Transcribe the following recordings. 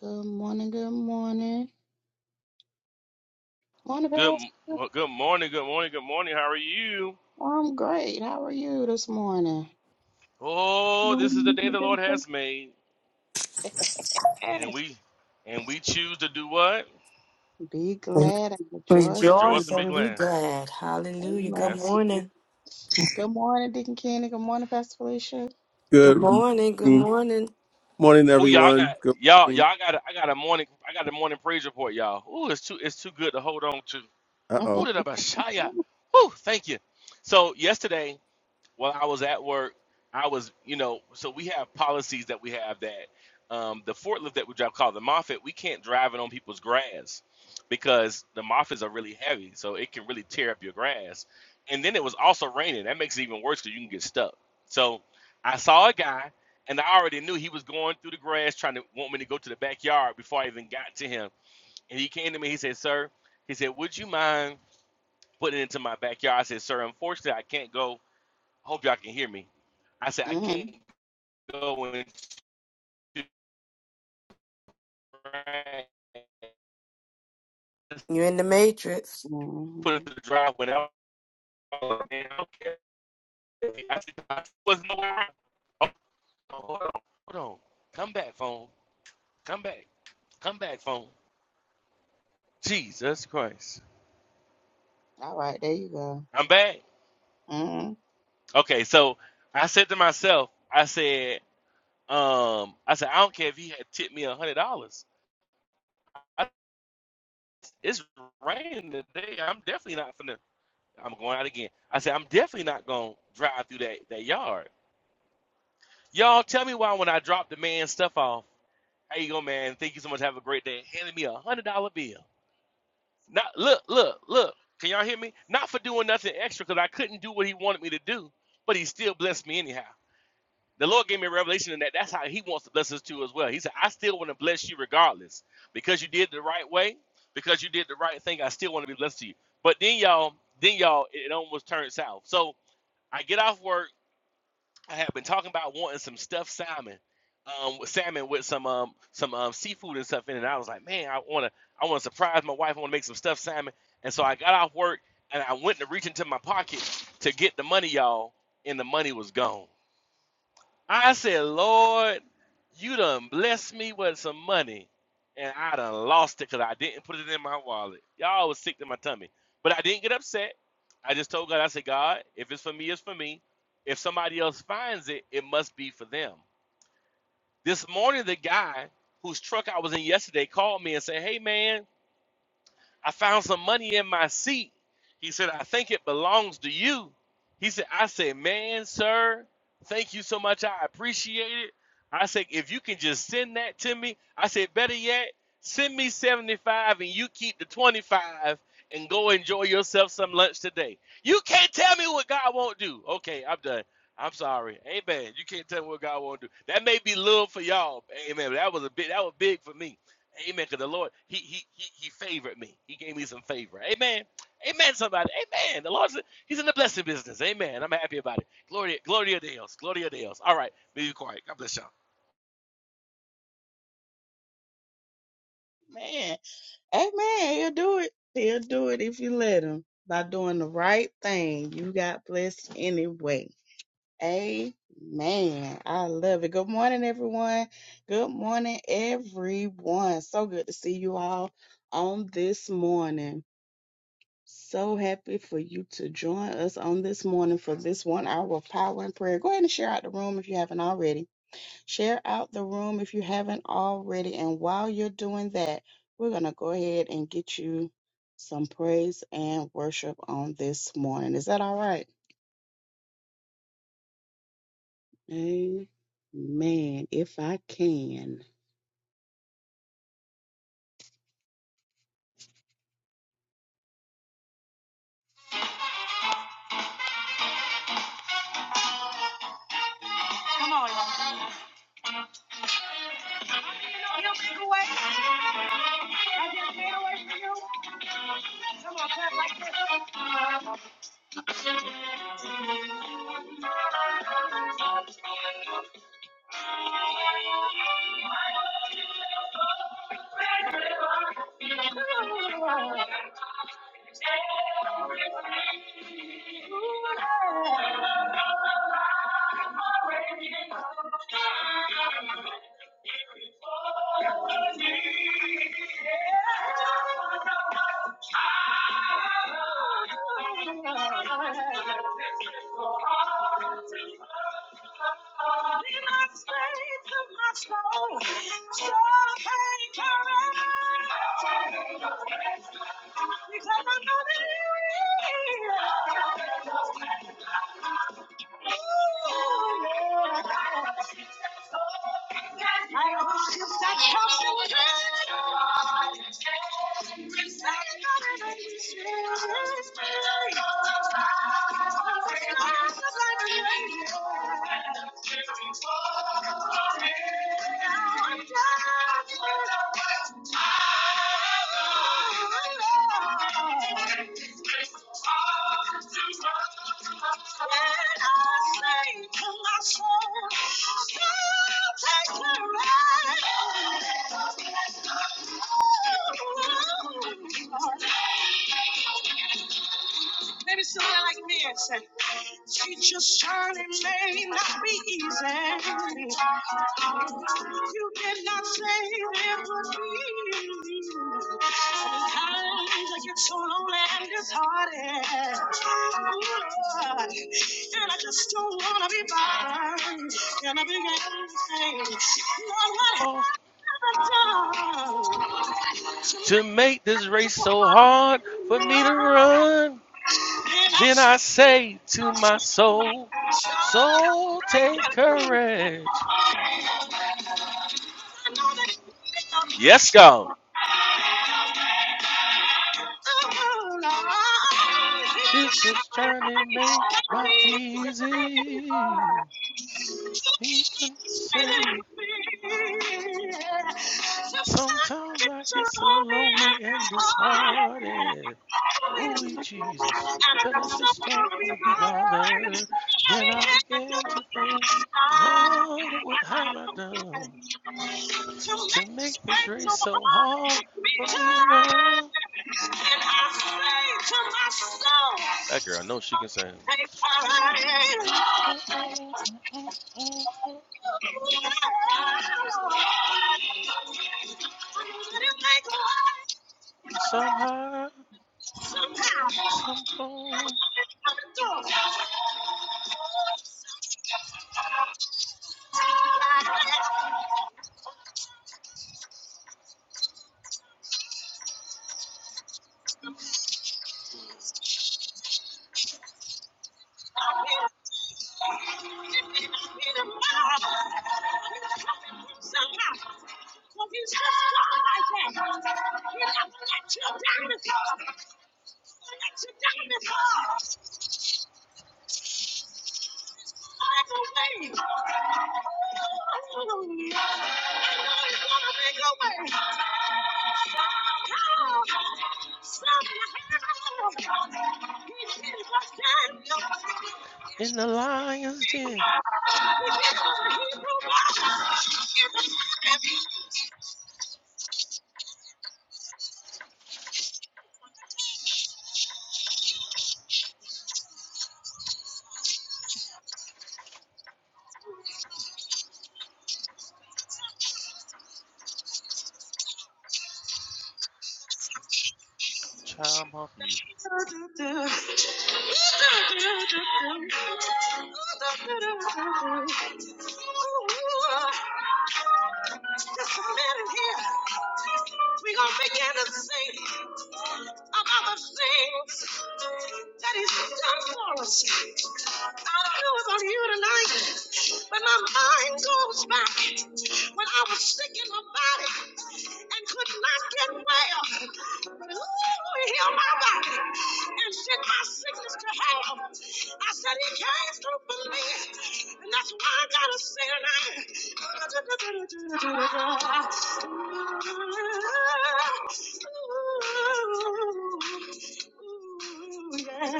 Good morning, good morning. Morning, Good, Pastor. well, good morning, good morning, good morning. How are you? I'm great. How are you this morning? Oh, this is the Morning, day the Mr. Lord People. has made, and we, and we choose to do what? Be glad and rejoice. in Rejoice Rejoice and be it. and be glad. glad. Hallelujah. Amen. Good That's. morning. Good morning, Deacon Kenny. Good morning, Pastor Felicia. Good Good morning. Good morning, morning. morning Oh y'all I got everyone. Good y'all morning. y'all I got a- I got a morning I got a morning praise report y'all. Oh it's too it's too good to hold on to. Uh oh. Who did I buy? Shia. Oh thank you. So yesterday while I was at work, I was, you know, so we have policies that we have that um, the forklift that we drive called the Moffat, we can't drive it on people's grass because the Moffats are really heavy, so it can really tear up your grass. And then it was also raining. That makes it even worse because you can get stuck. So I saw a guy, and I already knew he was going through the grass trying to want me to go to the backyard before I even got to him. And he came to me. He said, "Sir," he said, "Would you mind putting it into my backyard?" I said, "Sir, unfortunately, I can't go." Hope y'all can hear me. I said I Mhm. can't go and You're in the matrix. put it to the drive. And I like, man, I don't care. I said I was nowhere around. Oh, hold on, hold on. Come back, phone. Come back. Come back, phone. Jesus Christ. All right, there you go. I'm back. Mhm. Okay, so I said to myself, I said, um, I said, I don't care if he had tipped me a hundred dollars. I- It's raining today. I'm definitely not finna I'm going out again. I said, I'm definitely not going to drive through that, that yard. Y'all tell me why when I drop the man's stuff off, how you go, man? Thank you so much. Have a great day. Handed me a one hundred dollar bill. Not look, look, look. Can y'all hear me? Not for doing nothing extra because I couldn't do what he wanted me to do, but he still blessed me anyhow. The Lord gave me a revelation in that that's how he wants to bless us too as well. He said, I still want to bless you regardless. Because you did the right way, because you did the right thing, I still want to be blessed to you. But then y'all, then y'all, it almost turned south. So I get off work. I have been talking about wanting some stuffed salmon, um, with salmon with some um some um seafood and stuff in it. And I was like, man, I wanna I wanna surprise my wife. I wanna make some stuffed salmon. And so I got off work and I went to reach into my pocket to get the money, y'all, and the money was gone. I said, Lord, you done blessed me with some money, and I done lost it because I didn't put it in my wallet. Y'all was sick to my tummy. But I didn't get upset. I just told God, I said, God, if it's for me, it's for me. If somebody else finds it, it must be for them. This morning, the guy whose truck I was in yesterday called me and said, Hey, man, I found some money in my seat. He said, I think it belongs to you. He said, I said, man, sir, thank you so much. I appreciate it. I said, if you can just send that to me, I said, better yet, send me 75 and you keep the 25 and go enjoy yourself some lunch today. You can't tell me what God won't do. Okay, I'm done. I'm sorry. Amen. You can't tell me what God won't do. That may be little for y'all. Amen. But that was a big that was big for me. Amen. Because the Lord, he, he he he favored me. He gave me some favor. Amen. Amen. Somebody. Amen. The Lord's He's in the blessing business. Amen. I'm happy about it. Gloria, Gloria Deus. Gloria Deus. All right. Be quiet. God bless y'all. Man, amen. He'll do it. He'll do it if you let him. By doing the right thing, you got blessed anyway. Amen. I love it. Good morning, everyone. Good morning, everyone. So good to see you all on this morning. So happy for you to join us on this morning for this one hour of power and prayer. Go ahead and share out the room if you haven't already. Share out the room if you haven't already. And while you're doing that, we're going to go ahead and get you some praise and worship on this morning. Is that all right? Amen. If I can. Come on. You make a way. I just made a way for you. Come on, clap like this. I'll be my strength and my soul, so take care, because I know that you need it. Thank you. Maybe somebody like me and say. Teacher's journey may not be easy. You did not say it would be. Sometimes I get so lonely and disheartened. Ooh, Lord. And I just don't want to be bothered. And I began to say, Lord, what Oh, have I done to make it to so make this race so hard? to hard for be me to loved? run, then Thank I say to my soul, soul, take courage. Yes, God. Teacher's journey may not be you. easy. And I say to He did not say. that. Sometimes I get so lonely and disheartened. Ooh, Jesus, that I just don't want to be bothered. Then I begin to think, Lord, what have I done to make this race so hard for me to run? my soul, That girl I know she can sing. take my hand. Somehow, somehow, Somehow, Just a in the lion's den. Chime off mute. minute here. We're gonna begin to sing about the things that he's done for us. I don't know about you tonight, but my mind goes back when I was sick in my body and could not get well. ooh, heal my body and send my sickness to hell. I said he came through for me, and that's why I gotta say tonight. Ooh. Ooh, yeah.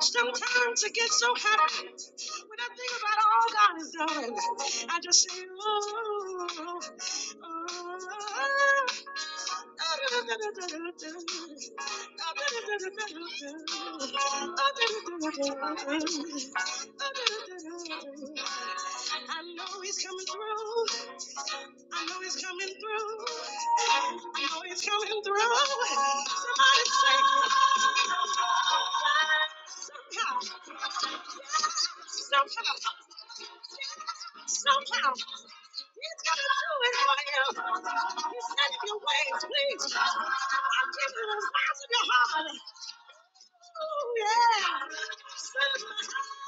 Sometimes I get so happy when I think about all God is doing. I just say, ooh, ooh, I know he's coming through. I know he's coming through. I know he's coming through. Somebody say, somehow, somehow, somehow, he's coming through in Ohio. He's setting your ways, please. I'm giving the size of your heart. Oh, yeah. Somehow.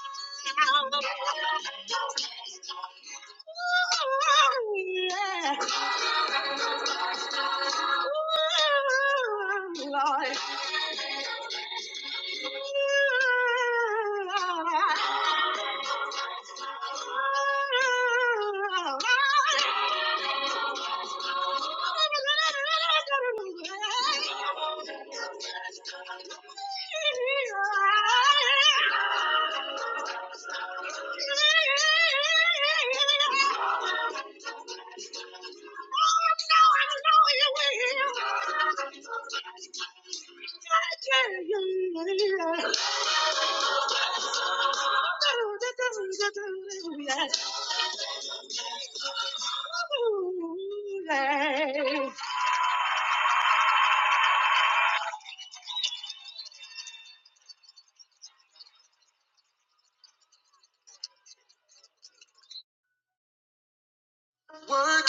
Oh, yeah. Oh, yeah. Lord. Yeah. Work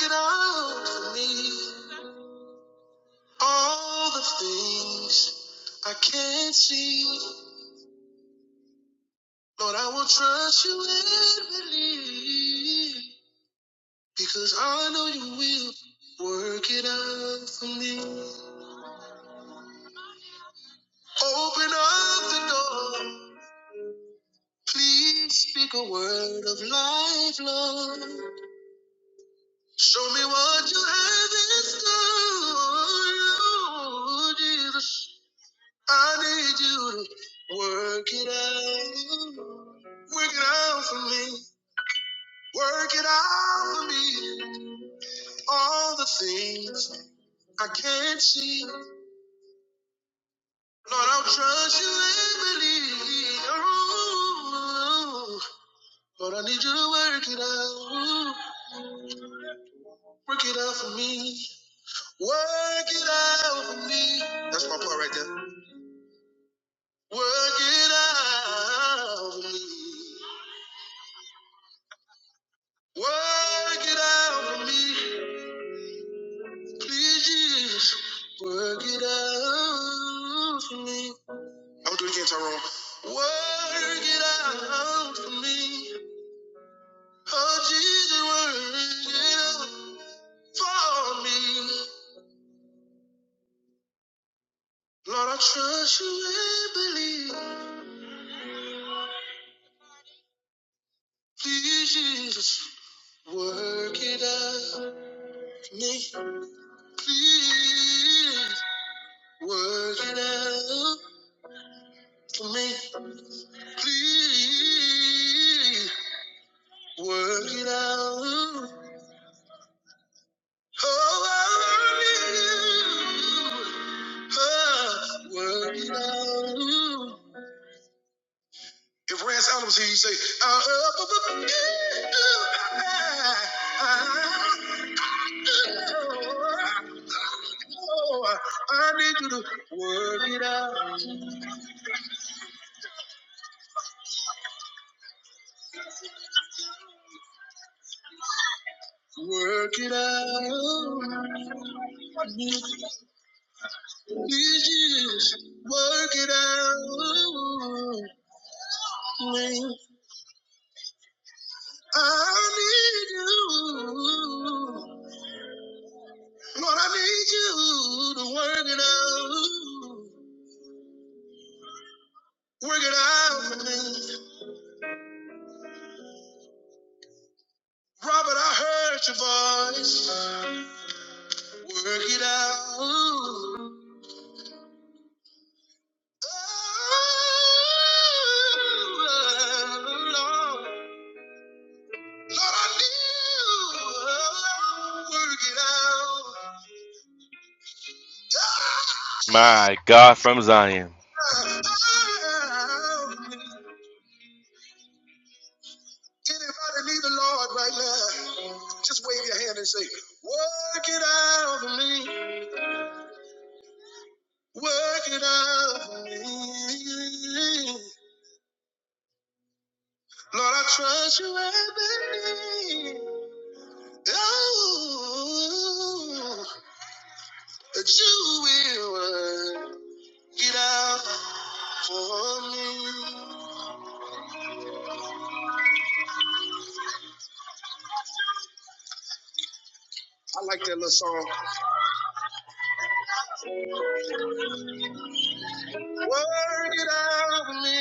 it out for me. All the things I can't see. Lord, I will trust you and believe. Because I know you will work it out for me. Open up the door. Please speak a word of life, Lord. Show me what you have in store, oh, Jesus. I need you to work it out. Work it out for me. Work it out for me. All the things I can't see. Lord, I'll trust you and believe. Oh, Lord, I need you to work it out. Work it out for me. Work it out for me. That's my part right there. Work it out for me. Work it out for me. Please, Jesus, work it out for me. I'm gonna do it again, Tyrone. Work it out for me. Oh, Jesus, work it out for me. Lord, I trust you and believe. Please, Jesus. Work it out for me, please. Work it out for me, please. Work it out. Oh, I love you. Oh, work it out. If Rance Adams here, you say, uh, uh, uh, uh, I need you to work it out, work it out. Jesus, work it out. I need you. Lord, I need you to work it out. Work it out Wicked me, Robert, I heard your voice. Work it out. Ooh. Oh, Lord. Lord, I knew. Oh, Work it out. Ah, My God from Zion. ah. Anybody need the Lord right now? Just wave your hand and say, Work it out for me. Work it out for me. Lord, I trust you and believe. Oh, that you will work it out for me. I like that little song. Work it out for me.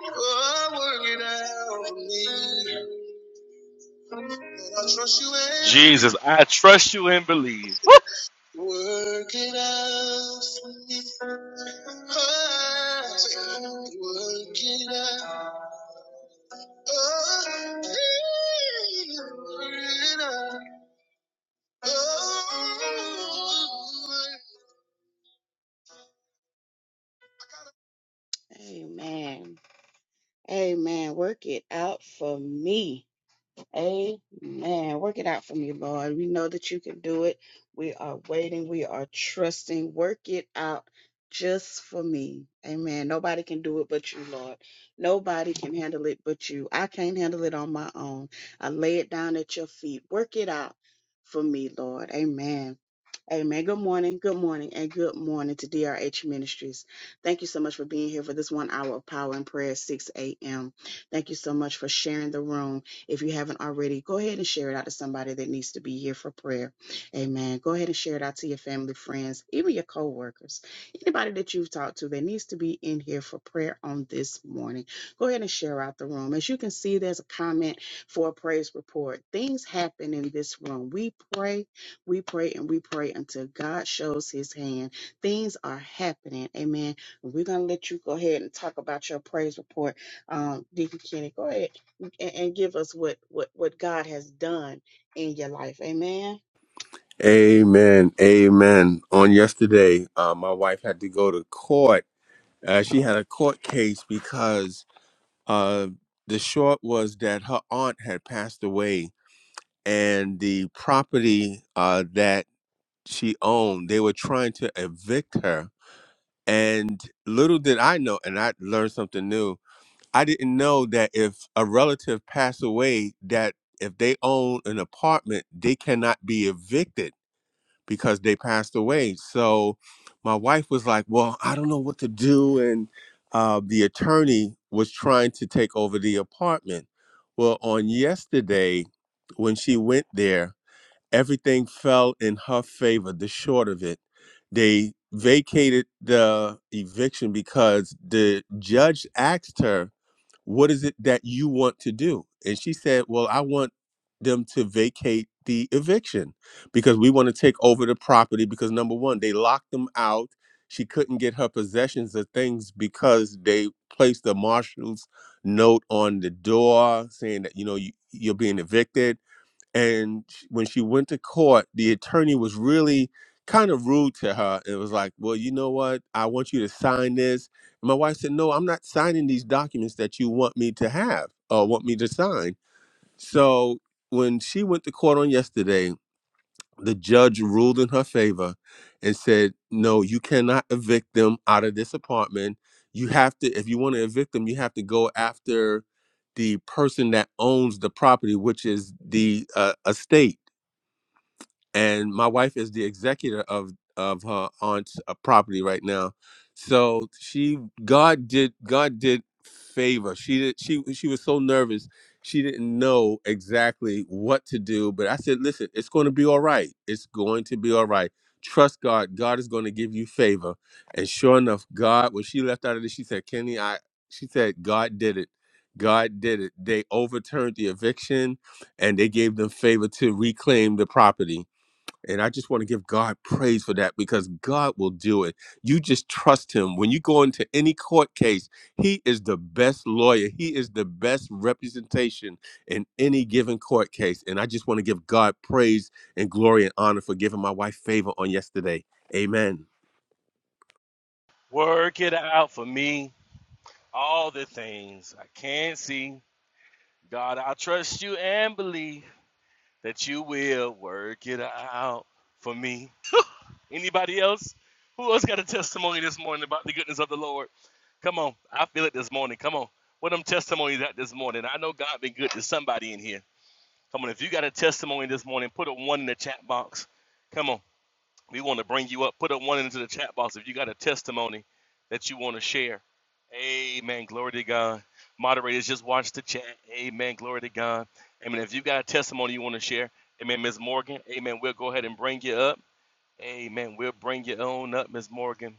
Oh, work it out for me. Lord, I trust you and believe. Jesus, I trust you and believe. Woo! Work it out for me. oh. say, Work it out. Oh, please, work it out. Oh. Amen. Amen. Work it out for me. Amen. Work it out for me, Lord. We know that you can do it. We are waiting. We are trusting. Work it out just for me. Amen. Nobody can do it but you, Lord. Nobody can handle it but you. I can't handle it on my own. I lay it down at your feet. Work it out for me, Lord. Amen. Amen. Good morning, good morning, and good morning to DRH Ministries. Thank you so much for being here for this one hour of power and prayer, at 6 a.m. Thank you so much for sharing the room. If you haven't already, go ahead and share it out to somebody that needs to be here for prayer. Amen. Go ahead and share it out to your family, friends, even your co-workers, anybody that you've talked to that needs to be in here for prayer on this morning. Go ahead and share out the room. As you can see, there's a comment for a praise report. Things happen in this room. We pray we pray and we pray until God shows his hand. Things are happening. Amen. We're going to let you go ahead and talk about your praise report. Um, Deacon Kenny, go ahead and, and give us what, what, what God has done in your life. Amen. Amen. Amen. On yesterday, uh, my wife had to go to court. Uh, she had a court case because uh, the short was that her aunt had passed away and the property uh, that she owned, they were trying to evict her. And little did I know, and I learned something new I didn't know that if a relative passed away, that if they own an apartment, they cannot be evicted because they passed away. So my wife was like, "Well, I don't know what to do," and uh, the attorney was trying to take over the apartment. Well, on yesterday, when she went there, everything fell in her favor. The short of it, they vacated the eviction because the judge asked her what is it that you want to do? And she said, well, I want them to vacate the eviction because we want to take over the property because number one, they locked them out. She couldn't get her possessions of things because they placed the marshal's note on the door saying that, you know, you, you're being evicted and when she went to court the attorney was really kind of rude to her and was like well you know what i want you to sign this and my wife said no i'm not signing these documents that you want me to have or want me to sign so when she went to court on yesterday the judge ruled in her favor and said no you cannot evict them out of this apartment you have to if you want to evict them you have to go after the person that owns the property which is the uh, estate and my wife is the executor of of her aunt's uh, property right now so she god did god did favor she did she she was so nervous she didn't know exactly what to do but i said listen it's going to be all right it's going to be all right trust god god is going to give you favor and sure enough god when she left out of this she said kenny i she said god did it god did it they overturned the eviction and they gave them favor to reclaim the property and I just want to give God praise for that because God will do it. You just trust Him. When you go into any court case, He is the best lawyer, He is the best representation in any given court case. And I just want to give God praise and glory and honor for giving my wife favor on yesterday. Amen. Work it out for me. All the things I can't see. God, I trust you and believe that you will work it out for me. Anybody else? Who else got a testimony this morning about the goodness of the Lord? Come on. I feel it this morning. Come on. What them testimonies at this morning? I know God been good to somebody in here. Come on. If you got a testimony this morning, put a one in the chat box. Come on. We want to bring you up. Put up one into the chat box if you got a testimony that you want to share. Amen. Glory to God. Moderators, just watch the chat. Amen. Glory to God. Amen. If you got a testimony you want to share, Amen, Ms. Morgan. Amen. We'll go ahead and bring you up. Amen. We'll bring you on up, Ms. Morgan.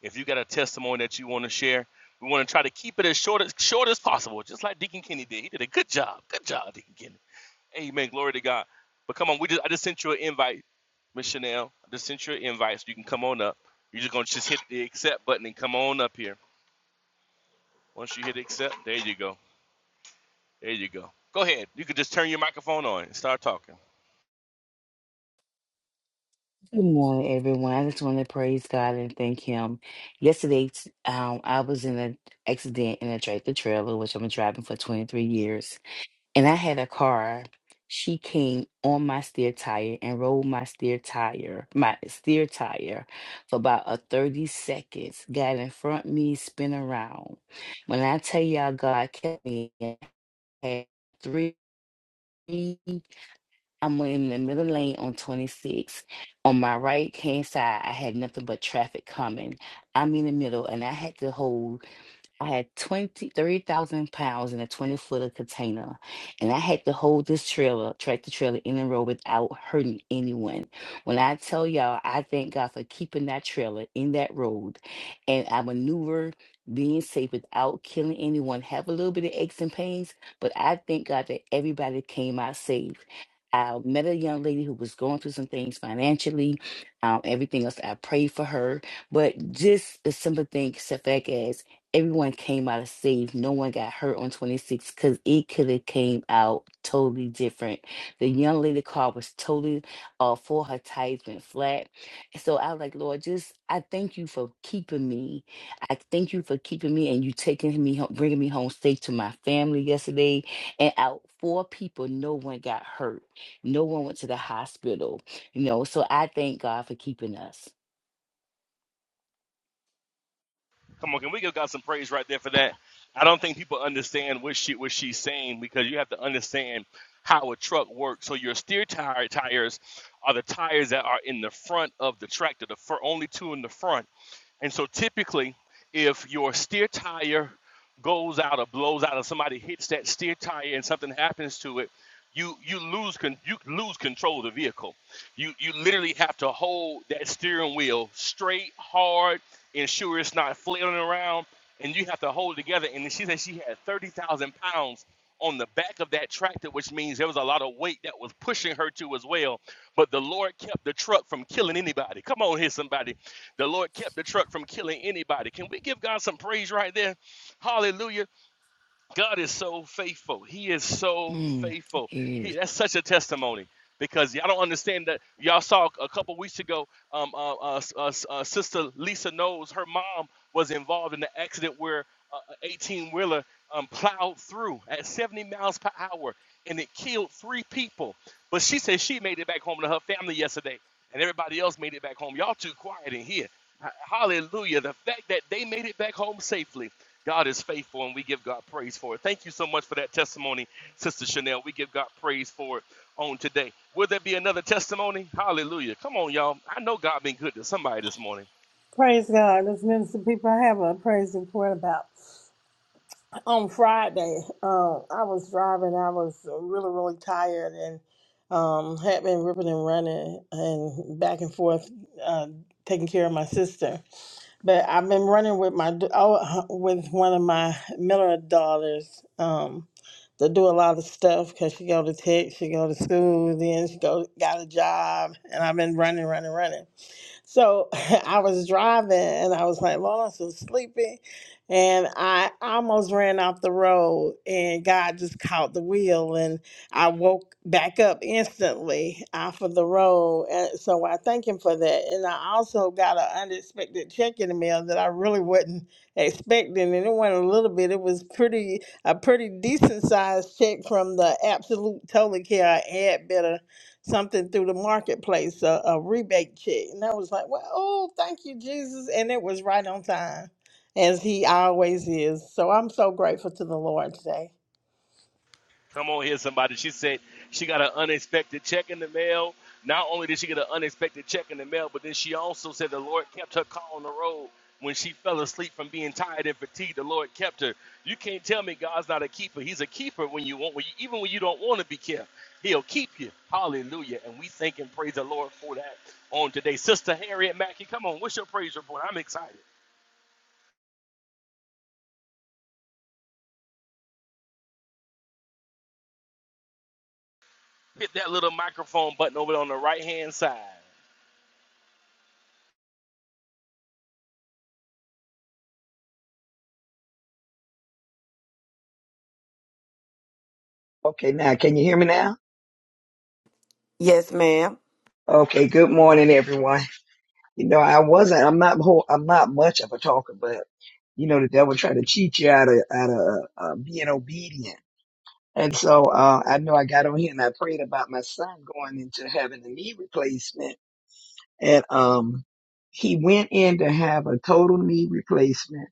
If you got a testimony that you want to share, we want to try to keep it as short as short as possible, just like Deacon Kenny did. He did a good job. Good job, Deacon Kenny. Amen. Glory to God. But come on, we just I just sent you an invite. Miss Chanel, I just sent you an invite so you can come on up. You're just gonna just hit the accept button and come on up here. Once you hit accept, there you go. There you go. Go ahead. You can just turn your microphone on and start talking. Good morning, everyone. I just want to praise God and thank Him. Yesterday, t- um, I was in an accident in a tractor trailer, which I've been driving for 23 years. And I had a car. She came on my steer tire and rolled my steer tire, my steer tire, for about a 30 seconds. Got in front of me, spin around. When I tell y'all, God kept me. I had three. I'm in the middle lane on 26. On my right hand side, I had nothing but traffic coming. I'm in the middle, and I had to hold. I had twenty, thirty thousand pounds in a 20 footer container, and I had to hold this trailer, tractor trailer, in the road without hurting anyone. When I tell y'all, I thank God for keeping that trailer in that road, and I maneuver being safe without killing anyone. Have a little bit of aches and pains, but I thank God that everybody came out safe. I met a young lady who was going through some things financially, um, everything else. I prayed for her, but just a simple thing, setback as everyone came out of safe. No one got hurt on 26 because it could have came out totally different. The young lady car was totally uh, for her tires went flat. So I was like, Lord, just I thank you for keeping me. I thank you for keeping me and you taking me home, bringing me home safe to my family yesterday. And out four people, no one got hurt. No one went to the hospital. You know, so I thank God for keeping us. Come on, can we give God some praise right there for that? I don't think people understand what she what she's saying because you have to understand how a truck works. So your steer tire tires are the tires that are in the front of the tractor, the fir- only two in the front. And so typically, if your steer tire goes out or blows out, or somebody hits that steer tire and something happens to it, you you lose con- you lose control of the vehicle. You you literally have to hold that steering wheel straight, hard, ensure it's not flailing around, and you have to hold it together. And she said she had 30,000 pounds on the back of that tractor, which means there was a lot of weight that was pushing her to as well. But the Lord kept the truck from killing anybody. Come on here, somebody. The Lord kept the truck from killing anybody. Can we give God some praise right there? Hallelujah. God is so faithful. He is so Mm, faithful. yeah. He, that's such a testimony because y'all don't understand that. Y'all saw a couple weeks ago, um, uh, uh, uh, uh, Sister Lisa knows her mom was involved in the accident where uh, an 18 wheeler um, plowed through at 70 miles per hour and it killed three people. But she said she made it back home to her family yesterday and everybody else made it back home. Y'all too quiet in here. H- Hallelujah. The fact that they made it back home safely God is faithful, and we give God praise for it. Thank you so much for that testimony, Sister Chanel. We give God praise for it on today. Will there be another testimony? Hallelujah. Come on, y'all. I know God been good to somebody this morning. Praise God. Let's minister people. I have a praise report about on Friday. Uh, I was driving. I was really, really tired and um, had been ripping and running and back and forth, uh, taking care of my sister. But I've been running with my d- oh, uh, with one of my Miller daughters. Um, to do a lot of stuff because she go to tech, she go to school, then she go got a job, and I've been running, running, running. So I was driving and I was like, Lord, I'm so sleepy. And I almost ran off the road and God just caught the wheel and I woke back up instantly off of the road. And so I thank him for that. And I also got an unexpected check in the mail that I really wasn't expecting. And it went a little bit, it was pretty, a pretty decent sized check from the Absolute Totally Care Ad Better something through the marketplace, a, a rebate check. And I was like, well, oh, thank you, Jesus. And it was right on time, as he always is. So I'm so grateful to the Lord today. Come on here, somebody. She said she got an unexpected check in the mail. Not only did she get an unexpected check in the mail, but then she also said the Lord kept her car on the road when she fell asleep from being tired and fatigued. The Lord kept her. You can't tell me God's not a keeper. He's a keeper when you want, when you, even when you don't want to be kept. He'll keep you. Hallelujah. And we thank and praise the Lord for that on today. Sister Harriet Mackey, come on. What's your praise report? I'm excited. Hit that little microphone button over on the right hand side. Okay, now can you hear me now? Yes, ma'am. Okay, good morning, everyone. You know, I wasn't. I'm not. whole- I'm not much of a talker, but you know, the devil tried to cheat you out of out of uh, being obedient. And so uh, I know I got on here and I prayed about my son going into having a knee replacement, and um, he went in to have a total knee replacement.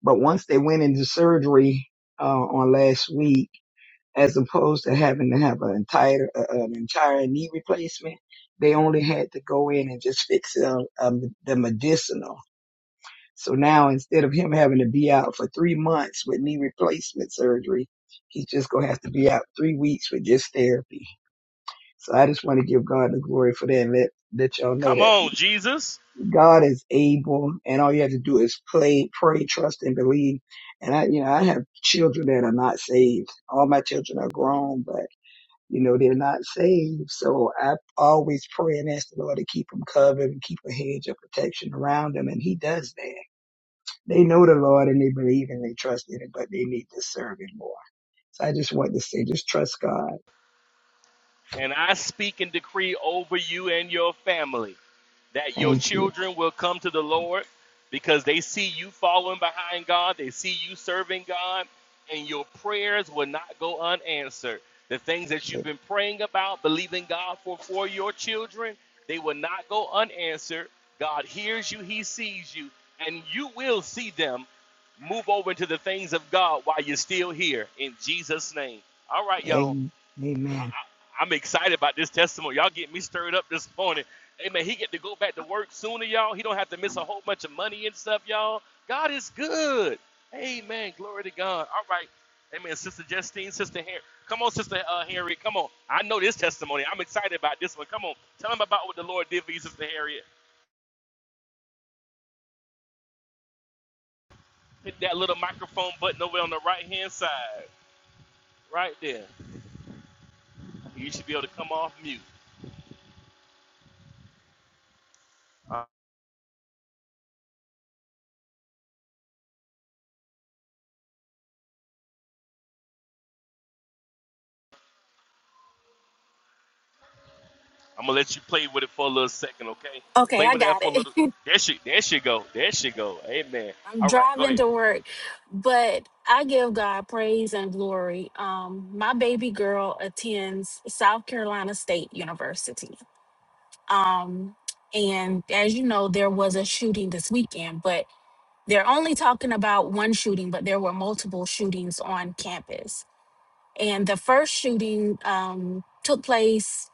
But once they went into surgery uh, on last week. as opposed to having to have an entire uh, an entire knee replacement. They only had to go in and just fix uh, um, the medicinal. So now instead of him having to be out for three months with knee replacement surgery, he's just gonna have to be out three weeks with just therapy. So I just want to give God the glory for that. and Let let y'all know Come that on, Jesus. God is able, and all you have to do is play, pray, trust, and believe. And I, you know, I have children that are not saved. All my children are grown, but you know, they're not saved. So I always pray and ask the Lord to keep them covered and keep a hedge of protection around them. And he does that. They know the Lord and they believe and they trust in it, but they need to serve him more. So I just want to say, just trust God. And I speak and decree over you and your family that your Thank you. children will come to the Lord because they see you following behind God, they see you serving God, and your prayers will not go unanswered. The things that you've been praying about, believing God for for your children, they will not go unanswered. God hears you, He sees you, and you will see them move over to the things of God while you're still here in Jesus' name. All right, y'all. I, Amen. I, I'm excited about this testimony. Y'all get me stirred up this morning. Amen. He get to go back to work sooner, y'all. He don't have to miss a whole bunch of money and stuff, y'all. God is good. Amen. Glory to God. All right. Amen. Sister Justine, Sister Harry. Come on, Sister uh, Harriet. Come on. I know this testimony. I'm excited about this one. Come on. Tell them about what the Lord did for you, Sister Harriet. Hit that little microphone button over on the right hand side. Right there. You should be able to come off mute. I'm gonna let you play with it for a little second, okay? Okay, Play I with that got for a it. little. There should there should go. There should go. Amen. I'm All right, go driving ahead. to work, but I give God praise and glory. Um, my baby girl attends South Carolina State University. Um, and as you know, there was a shooting this weekend, but they're only talking about one shooting, but there were multiple shootings on campus. And the first shooting um, took place,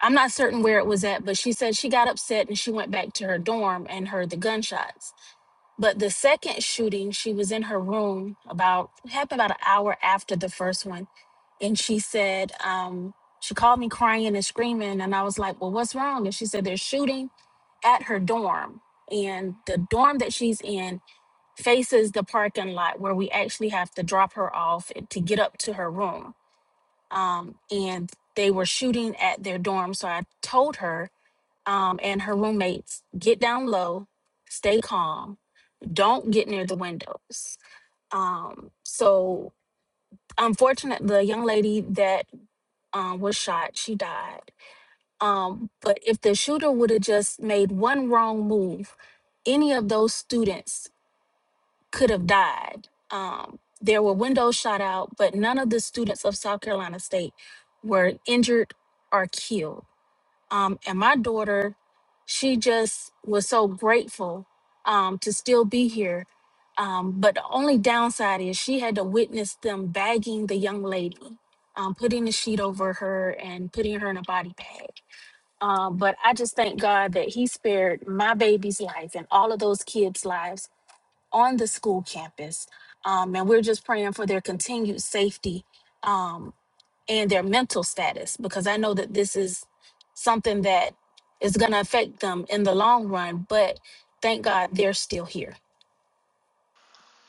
I'm not certain where it was at, but she said she got upset and she went back to her dorm and heard the gunshots But the second shooting, she was in her room about it happened about an hour after the first one, and she said um, she called me crying and screaming, and I was like, "Well, what's wrong?" And she said they're shooting at her dorm, and the dorm that she's in faces the parking lot where we actually have to drop her off and- to get up to her room, um, and they were shooting at their dorm. So I told her um, and her roommates, "Get down low, stay calm." don't get near the windows. Um, so unfortunate, the young lady that um, was shot, she died. Um, but if the shooter would have just made one wrong move, any of those students could have died. Um, there were windows shot out, but none of the students of South Carolina State were injured or killed um, and my daughter, she just was so grateful um, to still be here. Um, but the only downside is she had to witness them bagging the young lady, um, putting the sheet over her and putting her in a body bag. Um, but I just thank God that He spared my baby's life and all of those kids' lives on the school campus. Um, and we're just praying for their continued safety um, and their mental status because I know that this is something that is going to affect them in the long run, but thank God they're still here.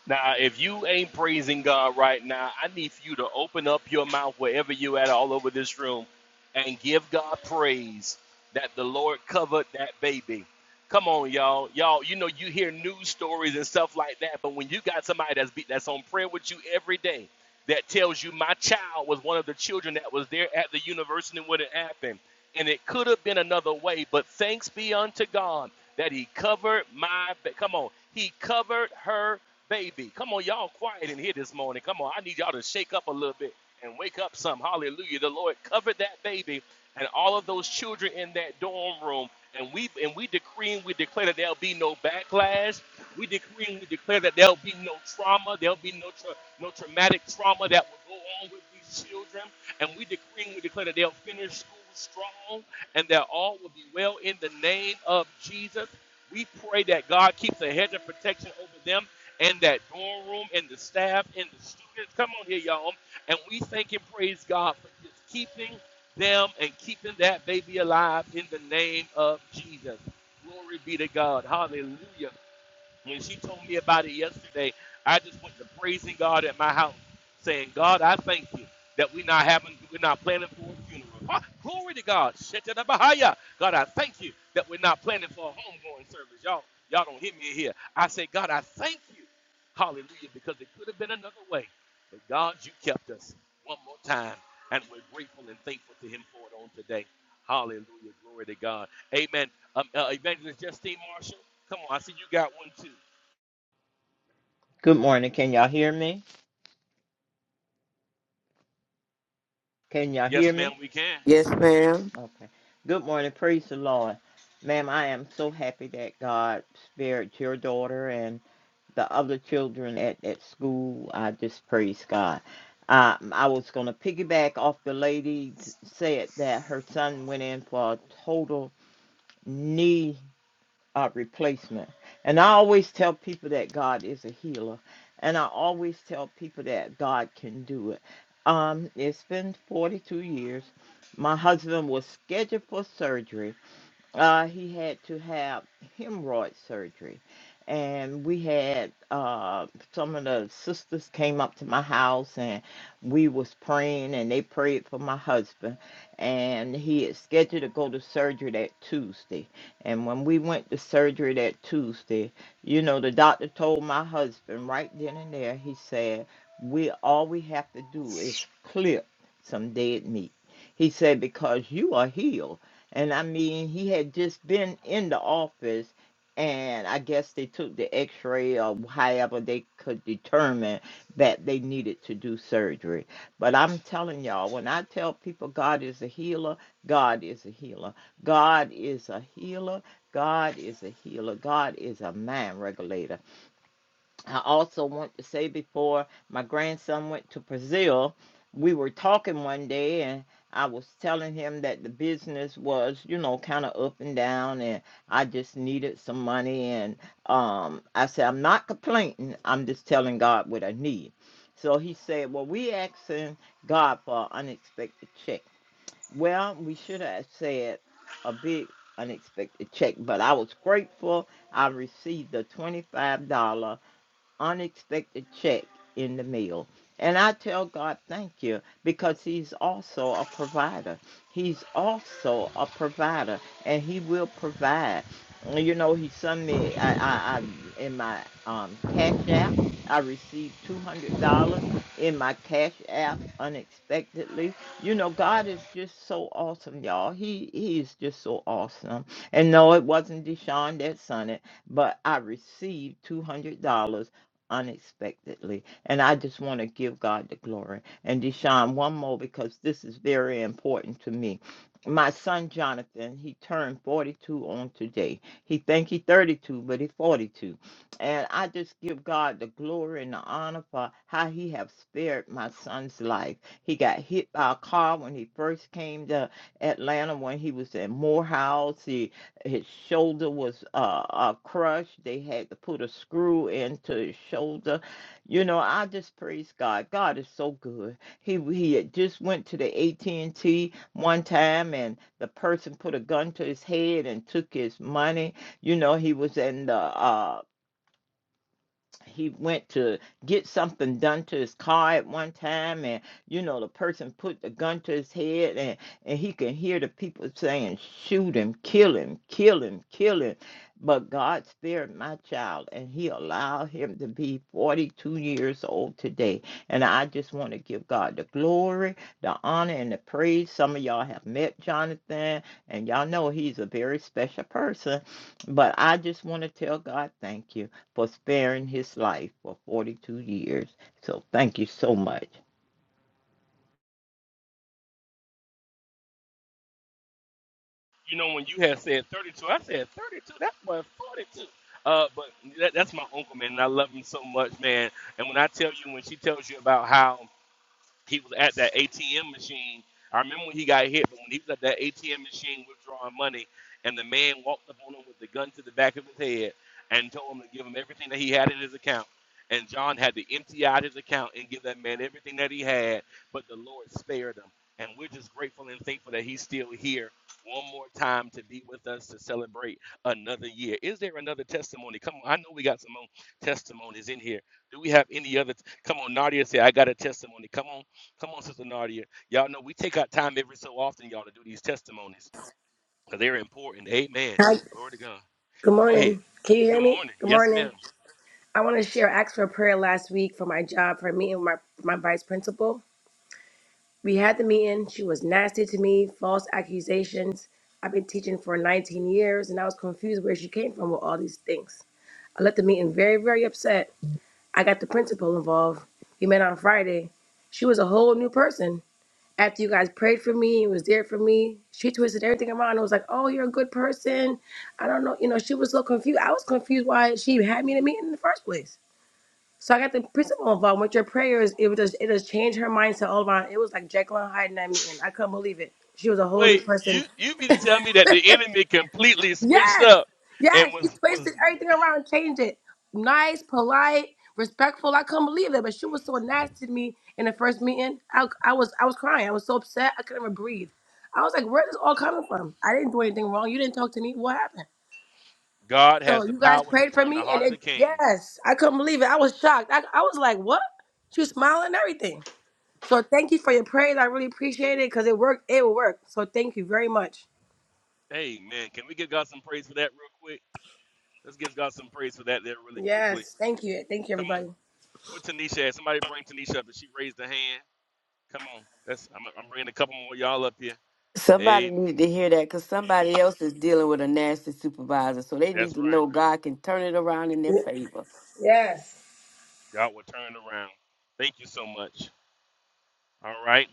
Now, if you ain't praising God right now, I need for you to open up your mouth wherever you at, all over this room, and give God praise that the Lord covered that baby. Come on, y'all. Y'all, you know you hear news stories and stuff like that, but when you got somebody that's be, that's on prayer with you every day, that tells you my child was one of the children that was there at the university when it happened and it could have been another way, but thanks be unto God that He covered my. Ba- Come on, He covered her baby. Come on, y'all, quiet in here this morning. Come on, I need y'all to shake up a little bit and wake up some. Hallelujah! The Lord covered that baby and all of those children in that dorm room, and we and we decree and we declare that there'll be no backlash. We decree and we declare that there'll be no trauma. There'll be no tra- no traumatic trauma that will go on with these children. And we decree and we declare that they'll finish school strong and that all will be well in the name of Jesus. We pray that God keeps a hedge of protection over them and that dorm room and the staff and the students. Come on here, y'all. And we thank and praise God for just keeping them and keeping that baby alive in the name of Jesus. Glory be to God. Hallelujah. When she told me about it yesterday, I just went to praising God at my house, saying, God, I thank you that we're not having, we're not planning for a funeral. Huh? Glory to God. Shetanabahaya. God, I thank you that we're not planning for a homegoing service. Y'all, y'all don't hear me here. I say, God, I thank you. Hallelujah, because it could have been another way. But God, you kept us one more time. And we're grateful and thankful to him for it on today. Hallelujah. Glory to God. Amen. Um, uh, Evangelist Justine Marshall. Come on, I see you got one too. Good morning. Can y'all hear me? Can y'all hear Yes, ma'am, me? we can. Yes, ma'am. Okay. Good morning. Praise the Lord. Ma'am, I am so happy that God spared your daughter and the other children at, at school. I just praise God. Um, I was going to piggyback off the lady t- said that her son went in for a total knee uh, replacement. And I always tell people that God is a healer, and I always tell people that God can do it. Um, it's been 42 years. My husband was scheduled for surgery uh, he had to have hemorrhoid surgery. And we had uh, some of the sisters came up to my house and we was praying and they prayed for my husband. And he is scheduled to go to surgery that Tuesday. And when we went to surgery that Tuesday, you know, the doctor told my husband right then and there, he said, we all we have to do is clip some dead meat. He said, because you are healed. And I mean, he had just been in the office, and I guess they took the x ray or however they could determine that they needed to do surgery. But I'm telling y'all, when I tell people God is a healer, God is a healer. God is a healer. God is a healer. God is a mind regulator. I also want to say before my grandson went to Brazil, we were talking one day and I was telling him that the business was, you know, kind of up and down and I just needed some money and um I said I'm not complaining, I'm just telling God what I need. So he said, "Well, we asking God for an unexpected check." Well, we should have said a big unexpected check, but I was grateful I received the $25 unexpected check in the mail. And I tell God, thank you, because He's also a provider. He's also a provider, and He will provide. You know, He sent me I, I, I in my um, Cash App. I received two hundred dollars in my Cash App unexpectedly. You know, God is just so awesome, y'all. He He is just so awesome. And no, it wasn't Deshaun that sent it, but I received two hundred dollars unexpectedly. And I just want to give God the glory. And Deshaun, one more because this is very important to me. My son Jonathan, he turned 42 on today. He think he 32, but he 42. And I just give God the glory and the honor for how he have spared my son's life. He got hit by a car when he first came to Atlanta when he was in Morehouse. He his shoulder was uh, uh, crushed. They had to put a screw into his shoulder. You know, I just praise God. God is so good. He he had just went to the AT&T one time, and the person put a gun to his head and took his money. You know, he was in the uh, he went to get something done to his car at one time and you know the person put the gun to his head and and he can hear the people saying shoot him kill him kill him kill him but god spared my child and he allowed him to be 42 years old today and i just want to give god the glory the honor and the praise some of y'all have met jonathan and y'all know he's a very special person but i just want to tell god thank you for sparing his life for 42 years. So thank you so much. You know, when you had said 32, I said 32. That what 42. Uh, but that, that's my uncle, man, and I love him so much, man. And when I tell you, when she tells you about how he was at that ATM machine. I remember when he got hit, but when he was at that ATM machine withdrawing money, and the man walked up on him with the gun to the back of his head and told him to give him everything that he had in his account. And John had to empty out his account and give that man everything that he had, but the Lord spared him. And we're just grateful and thankful that he's still here one more time to be with us to celebrate another year. Is there another testimony? Come on, I know we got some more testimonies in here. Do we have any other? T- Come on, Nadia, say, I got a testimony. Come on. Come on, Sister Nadia. Y'all know we take our time every so often, y'all, to do these testimonies because they're important. Amen. Hi. Glory to God. Good Go ahead. morning. Can you hear Good me? morning. Good Yes, morning. ma'am. I want to share. I asked for a prayer last week for my job for a meeting with my my vice principal. We had the meeting. She was nasty to me, false accusations. I've been teaching for 19 years, and I was confused where she came from with all these things. I left the meeting very, very upset. I got the principal involved. We met on Friday. She was a whole new person. after you guys prayed for me and was there for me, she twisted everything around and was like, Oh, you're a good person. I don't know. You know, she was so confused. I was confused why she had me in a meeting in the first place. So I got the principal involved with your prayers. It was just it just changed her mindset all around. It was like Jekyll and Hyde in that meeting. I couldn't believe it. She was a whole new Wait, person you you mean to tell me that the enemy completely switched Yes, up and yes. She was was twisted everything around and changed it. Nice, polite, respectful. I couldn't believe it, but she was so nasty to me in the first meeting. I, I was I was crying. I was so upset. I couldn't even breathe. I was like, "Where is this all coming from? I didn't do anything wrong. You didn't talk to me. What happened?" God has So the you guys power to prayed for turn the me, and heart of it the king. yes, I couldn't believe it. I was shocked. I, I was like, "What?" She was smiling and everything. So thank you for your prayers. I really appreciate it because it worked. It will work. So thank you very much. Amen. Can we give God some praise for that real quick? Let's give God some praise for that there really quickly. Yes, thank you. Thank you, Come on. everybody. What Tanisha at? Somebody bring Tanisha up. And she raised her hand. Come on. That's I'm, I'm bringing a couple more of y'all up here. Somebody Amen. needed to hear that because somebody else is dealing with a nasty supervisor. So they That's need to right. know God can turn it around in their favor. Yes. Y'all were turned around. Thank you so much. All right.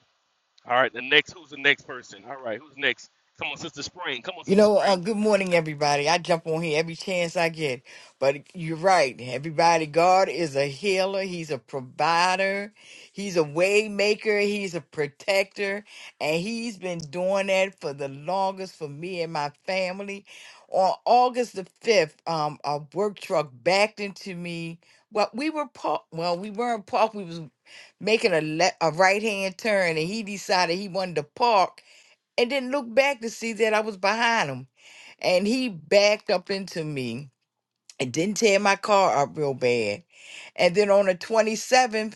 All right. The next, who's the next person? All right. Who's next? Come on, Sister Spring. Come on, You Sister know, Spring. uh, good morning, everybody. I jump on here every chance I get. But you're right, everybody. God is a healer. He's a provider. He's a way maker. He's a protector. And he's been doing that for the longest for me and my family. On August the 5th, um, a work truck backed into me. Well, we were parked. Well, we weren't parked. We was making a, le- a right-hand turn, and he decided he wanted to park and didn't look back to see that I was behind him. And he backed up into me and didn't tear my car up real bad. And then on the 27th,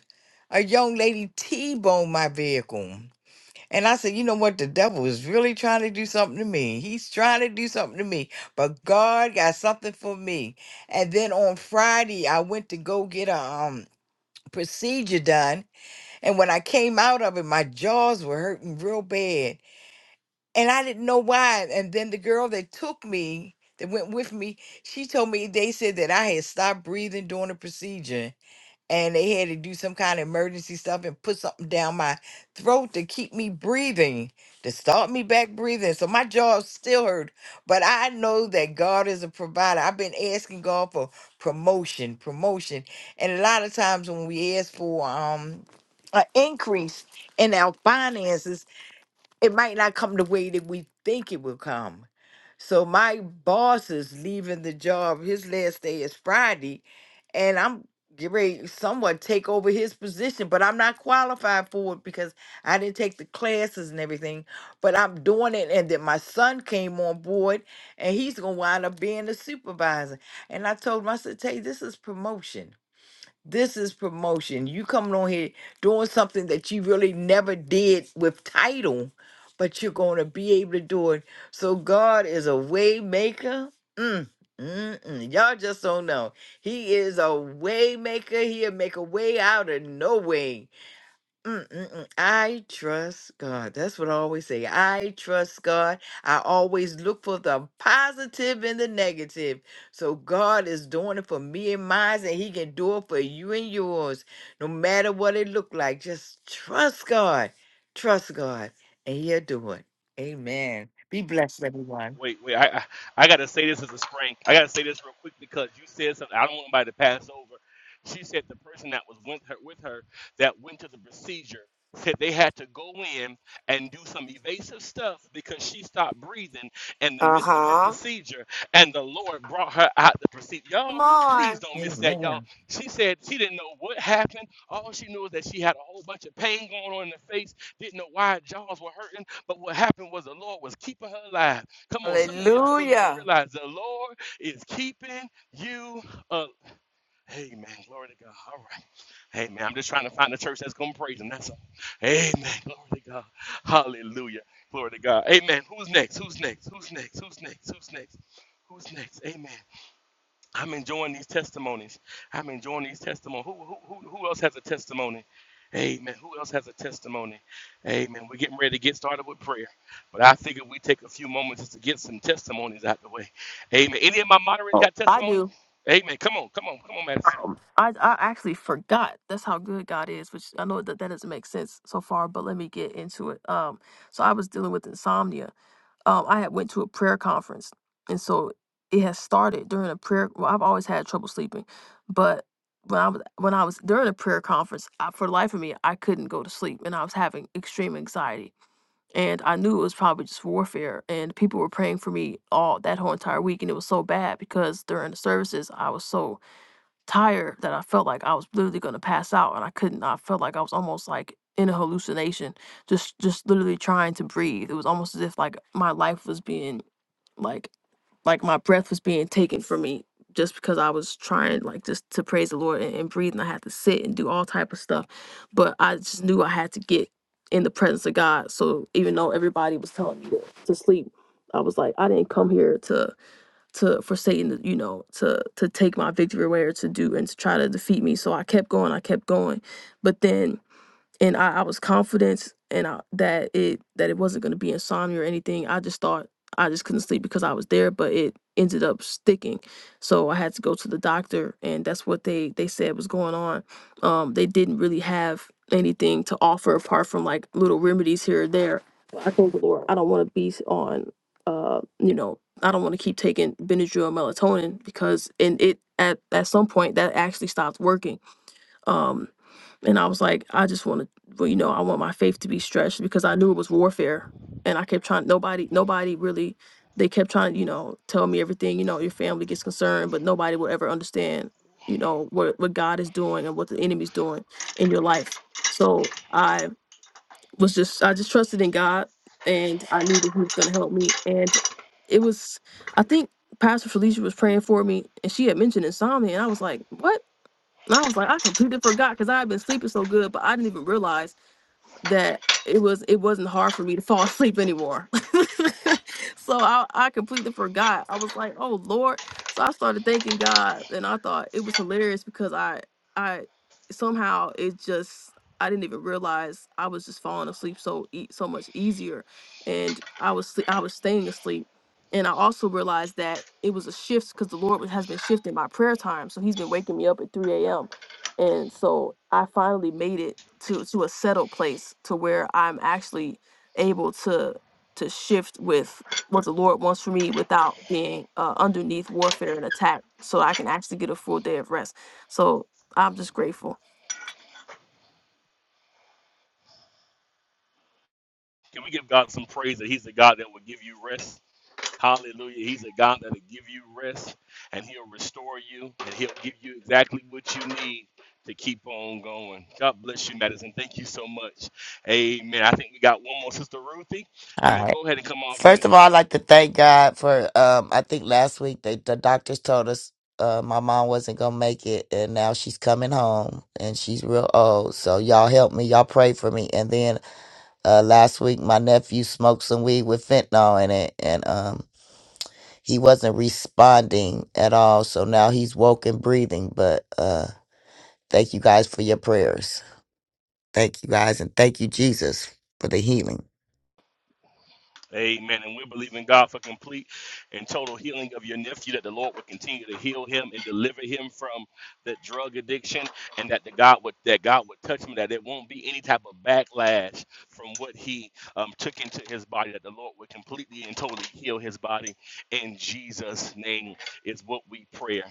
a young lady T boned my vehicle. And I said, you know what? The devil is really trying to do something to me. He's trying to do something to me, but God got something for me. And then on Friday, I went to go get a um, procedure done. And when I came out of it, my jaws were hurting real bad and I didn't know why. And then the girl that took me, that went with me, she told me they said that I had stopped breathing during the procedure and they had to do some kind of emergency stuff and put something down my throat to keep me breathing, to start me back breathing. So my jaw still hurt, but I know that God is a provider. I've been asking God for promotion, promotion. And a lot of times when we ask for um an increase in our finances, it might not come the way that we think it will come. So my boss is leaving the job. His last day is Friday, and I'm getting ready to somewhat take over his position, but I'm not qualified for it because I didn't take the classes and everything. But I'm doing it, and then my son came on board, and he's gonna wind up being the supervisor. And I told him, I said, "Hey, this is promotion." This is promotion. You coming on here doing something that you really never did with title, but you're going to be able to do it. So God is a way maker. Mm, mm, mm. Y'all just don't know. He is a way maker. He'll make a way out of no way. Mm-mm-mm. I trust God. That's what I always say. I trust God. I always look for the positive and the negative. So God is doing it for me and mine, and He can do it for you and yours. No matter what it look like, just trust God. Trust God, and He'll do it. Amen. Be blessed, everyone. Wait, wait. I, I I gotta say this as a spring. I gotta say this real quick because you said something. I don't want anybody to pass over. She said the person that was with her with her that went to the procedure said they had to go in and do some evasive stuff because she stopped breathing in the Uh midst of her huh. procedure and the Lord brought her out the procedure. Come Y'all, please on. don't miss that, Amen. y'all. She said she didn't know what happened. All she knew is that she had a whole bunch of pain going on in the face, didn't know why her jaws were hurting, but what happened was the Lord was keeping her alive. Come on, some of y'all don't even Hallelujah. realize the Lord is keeping you up. Amen. Glory to God. All right. Amen. I'm just trying to find a church that's going to praise him. That's all. Amen. Glory to God. Hallelujah. Glory to God. Amen. Who's next? Who's next? Who's next? Who's next? Who's next? Who's next? Amen. I'm enjoying these testimonies. I'm enjoying these testimonies. Who, who, who, who else has a testimony? Amen. Who else has a testimony? Amen. We're getting ready to get started with prayer. But I figured we take a few moments just to get some testimonies out the way. Amen. Any of my moderators Oh, got I testimony? do. Amen. Come on, come on, come on, Madison. Um, I I actually forgot. That's how good God is, which I know that that doesn't make sense so far, but let me get into it. Um, so I was dealing with insomnia. Um, I had went to a prayer conference, and so it had started during a prayer. Well, I've always had trouble sleeping, but when I was when I was during a prayer conference, I, for the life of me, I couldn't go to sleep, and I was having extreme anxiety, and I knew it was probably just warfare. And people were praying for me all that whole entire week, and it was so bad because during the services, I was so tired that I felt like I was literally gonna pass out and I couldn't I felt like I was almost like in a hallucination, just just literally trying to breathe. It was almost as if like my life was being like like my breath was being taken from me just because I was trying like just to praise the Lord and, and breathe and I had to sit and do all type of stuff. But I just knew I had to get in the presence of God. So even though everybody was telling me to, to sleep, I was like, I didn't come here to to for Satan you know, to to take my victory away or to do and to try to defeat me. So I kept going, I kept going. But then and I, I was confident and I, that it that it wasn't going to be insomnia or anything. I just thought I just couldn't sleep because I was there, but it ended up sticking. So I had to go to the doctor, and that's what they they said was going on. Um, they didn't really have anything to offer apart from like little remedies here or there. But I told the Lord, I don't want to be on, uh, you know, I don't want to keep taking Benadryl and melatonin because, and it at at some point that actually stopped working um, and I was like, I just want to, well, you know, I want my faith to be stretched because I knew it was warfare, and I kept trying. Nobody, nobody really. They kept trying, you know, tell me everything. You know, your family gets concerned, but nobody will ever understand, you know, what what God is doing and what the enemy's doing in your life. So I was just, I just trusted in God, and I knew that He was going to help me. And it was, I think Pastor Felicia was praying for me, and she had mentioned insomnia, and I was like, what? And I was like, I completely forgot because I had been sleeping so good, but I didn't even realize that it was it wasn't hard for me to fall asleep anymore. so I, I completely forgot. I was like, oh Lord. So I started thanking God and I thought it was hilarious because I I somehow it just I didn't even realize I was just falling asleep so e- so much easier. And I was sle- I was staying asleep. And I also realized that it was a shift because the Lord has been shifting my prayer time. So he's been waking me up at 3 a.m and so I finally made it to to a settled place to where I'm actually able to to shift with what the Lord wants for me without being uh, underneath warfare and attack, so I can actually get a full day of rest. So I'm just grateful. Can we give God some praise that He's the God that will give you rest? Hallelujah. He's a God that'll give you rest and he'll restore you and he'll give you exactly what you need to keep on going. God bless you, Madison. Thank you so much. Amen. I think we got one more, Sister Ruthie. All Amen. right. Go ahead and come off mute. First of all, I'd like to thank God for. Um, I think last week they, the doctors told us uh, my mom wasn't gonna make it, and now she's coming home, and she's real old. So y'all help me, y'all pray for me. And then uh, last week, my nephew smoked some weed with fentanyl in it, and um, he wasn't responding at all. So now he's woke and breathing. But uh, thank you guys for your prayers. Thank you guys, and thank you Jesus for the healing. Amen. And we believe in God for complete and total healing of your nephew, that the Lord would continue to heal him and deliver him from that drug addiction, and that the God would that God would touch him, that there won't be any type of backlash from what he um, took into his body, that the Lord would completely and totally heal his body in Jesus' name is what we pray.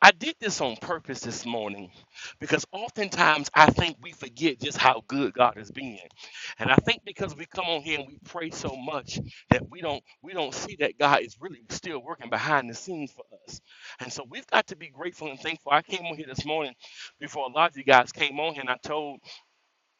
I did this on purpose this morning because oftentimes I think we forget just how good God has been. And I think because we come on here and we pray so much that we don't we don't see that God is really still working behind the scenes for us. And so we've got to be grateful and thankful. I came on here this morning before a lot of you guys came on here and I told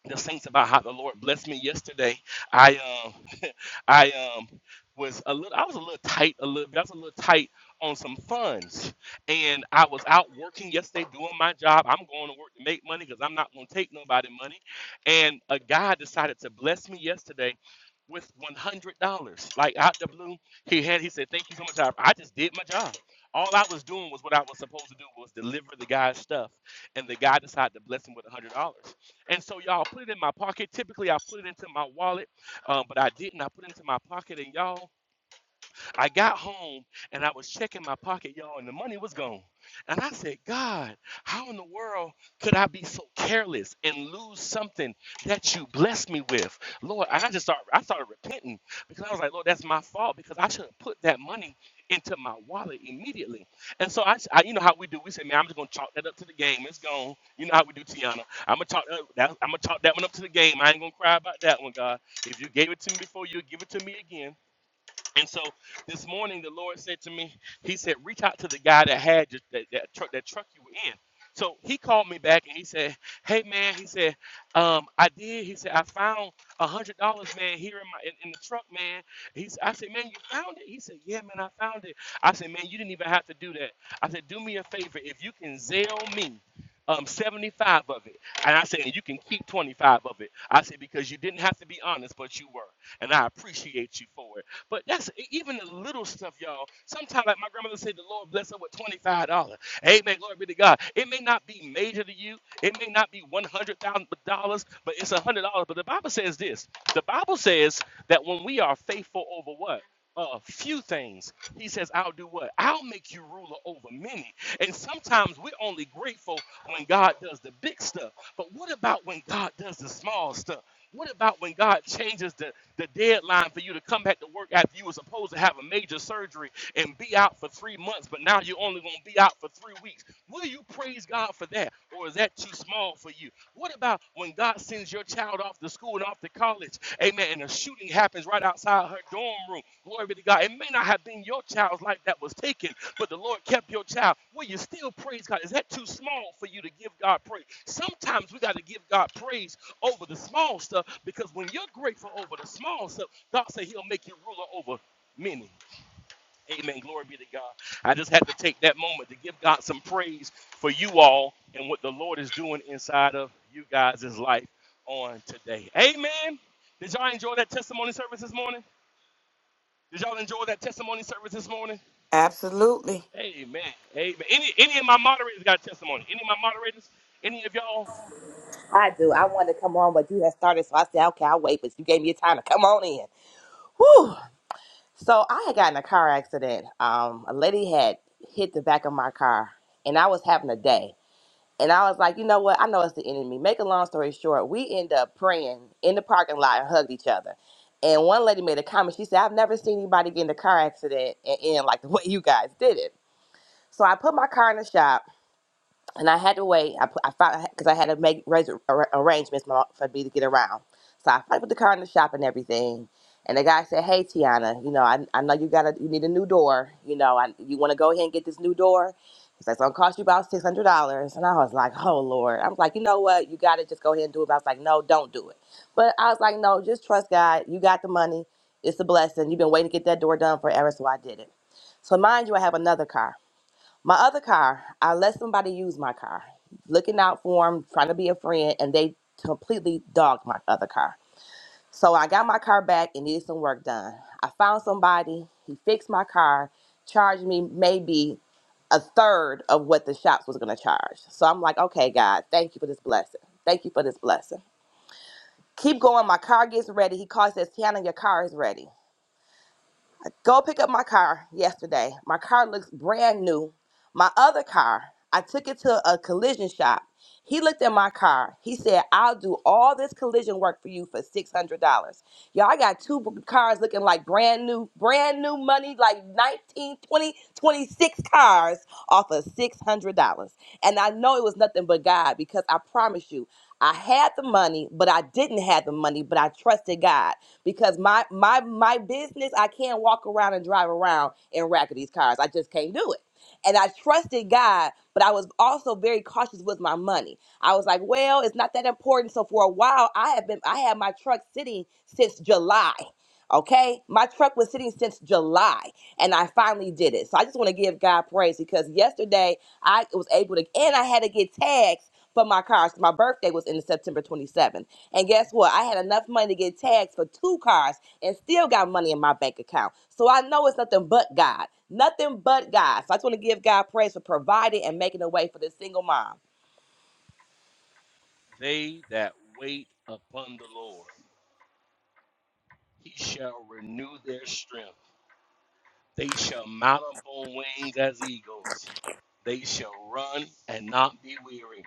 the saints about how the Lord blessed me yesterday. I um I um was a little I was a little tight a little I was a little tight on some funds and I was out working yesterday doing my job. I'm going to work to make money because I'm not going to take nobody money. And a guy decided to bless me yesterday with one hundred dollars. Like out the blue, he had he said, Thank you so much. I, I just did my job. All I was doing was what I was supposed to do was deliver the guy's stuff. And the guy decided to bless him with $100. And so, y'all, put it in my pocket. Typically, I put it into my wallet, um, but I didn't. I put it into my pocket, and y'all, I got home and I was checking my pocket, y'all, and the money was gone. And I said, God, how in the world could I be so careless and lose something that you blessed me with? Lord, and I just started, I started repenting because I was like, Lord, that's my fault because I should have put that money into my wallet immediately. And so I, I you know how we do. We say, man, I'm just gonna chalk that up to the game. It's gone. You know how we do, Tiana. I'm gonna chalk that, that I'm gonna chalk that one up to the game. I ain't gonna cry about that one, God. If you gave it to me before, you'll give it to me again. And so this morning, the Lord said to me, He said, reach out to the guy that had your, that, that truck that truck you were in. So he called me back and he said, Hey man, he said, um, I did. He said, I found a hundred dollars, man, here in my in, in the truck, man. He's I said, Man, you found it? He said, Yeah, man, I found it. I said, Man, you didn't even have to do that. I said, Do me a favor, if you can Zell me um, 75 of it. And I said, and you can keep 25 of it. I said, because you didn't have to be honest, but you were. And I appreciate you for it. But that's e, even the little stuff, y'all. Sometimes, like my grandmother said, the Lord bless her with twenty-five dollars. Amen. Glory be to God. It may not be major to you. It may not be one hundred thousand dollars, but it's a hundred dollars. But the Bible says this. The Bible says that when we are faithful over what. A few things. He says, I'll do what? I'll make you ruler over many. And sometimes we're only grateful when God does the big stuff. But what about when God does the small stuff? What about when God changes the the deadline for you to come back to work after you were supposed to have a major surgery and be out for three months, but now you're only going to be out for three weeks. Will you praise God for that, or is that too small for you? What about when God sends your child off to school and off to college, amen, and a shooting happens right outside her dorm room? Glory be to God. It may not have been your child's life that was taken, but the Lord kept your child. Will you still praise God? Is that too small for you to give God praise? Sometimes we got to give God praise over the small stuff because when you're grateful over the small stuff, God said He'll make you ruler over many. Amen. Glory be to God. I just had to take that moment to give God some praise for you all and what the Lord is doing inside of you guys' life on today. Amen. Did y'all enjoy that testimony service this morning? Did y'all enjoy that testimony service this morning? Absolutely. Amen. Amen. Any any of my moderators got a testimony? Any of my moderators? Any of y'all? I do. I wanted to come on, but you had started, so I said, okay, I'll wait. But you gave me a time to come on in. Whew. So I had gotten in a car accident. Um, a lady had hit the back of my car, and I was having a day. And I was like, you know what? I know it's the enemy. Make a long story short, we end up praying in the parking lot and hugged each other. And one lady made a comment. She said, I've never seen anybody get in a car accident and end like the way you guys did it. So I put my car in the shop and I had to wait. I put, I found because I had to make res- ar- arrangements for for me to get around. So I finally put the car in the shop and everything. And the guy said, "Hey, Tiana, you know, I, I know you got to you need a new door. You know, I, you want to go ahead and get this new door. He's like, it's gonna cost you about six hundred dollars." And I was like, "Oh Lord!" I was like, "You know what? You got to just go ahead and do it." But I was like, "No, don't do it." But I was like, "No, just trust God. You got the money. It's a blessing. You've been waiting to get that door done forever, so I did it." So mind you, I have another car. My other car, I let somebody use my car, looking out for them, trying to be a friend, and they completely dogged my other car. So I got my car back and needed some work done. I found somebody, he fixed my car, charged me maybe a third of what the shops was going to charge. So I'm like, okay, God, thank you for this blessing. Thank you for this blessing. Keep going. My car gets ready. He calls, says, Tiana, your car is ready go pick up my car yesterday. My car looks brand new. My other car, I took it to a collision shop. He looked at my car. He said, I'll do all this collision work for you for $600. Y'all, I got two b- cars looking like brand new, brand new money, like 19, 20, 26 cars off of $600. And I know it was nothing but God because I promise you, I had the money, but I didn't have the money, but I trusted God because my my my business I can't walk around and drive around in rackety cars. I just can't do it. And I trusted God, but I was also very cautious with my money. I was like, well, it's not that important. So for a while, I have been I had my truck sitting since July. Okay, my truck was sitting since July, and I finally did it. So I just want to give God praise because yesterday I was able to, and I had to get tags for my car. So my birthday was in September 27th. And guess what? I had enough money to get tags for two cars and still got money in my bank account. So I know it's nothing but God. Nothing but God. So I just want to give God praise for providing and making a way for this single mom. They that wait upon the Lord. He shall renew their strength. They shall mount up on wings as eagles. They shall run and not be weary.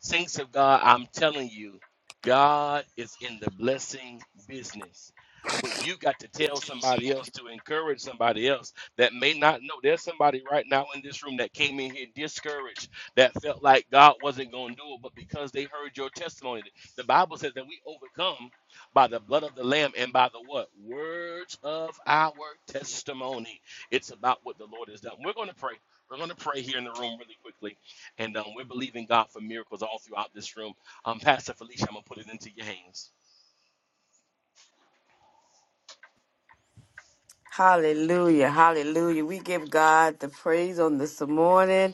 Saints of God, I'm telling you, God is in the blessing business. But you got to tell somebody else to encourage somebody else that may not know. There's somebody right now in this room that came in here discouraged, that felt like God wasn't going to do it, but because they heard your testimony, the Bible says that we overcome by the blood of the Lamb and by the what? Words of our testimony. It's about what the Lord has done. We're going to pray. We're going to pray here in the room really quickly and um, we're believing God for miracles all throughout this room. Um, Pastor Felicia, I'm going to put it into your hands. Hallelujah. Hallelujah. We give God the praise on this morning.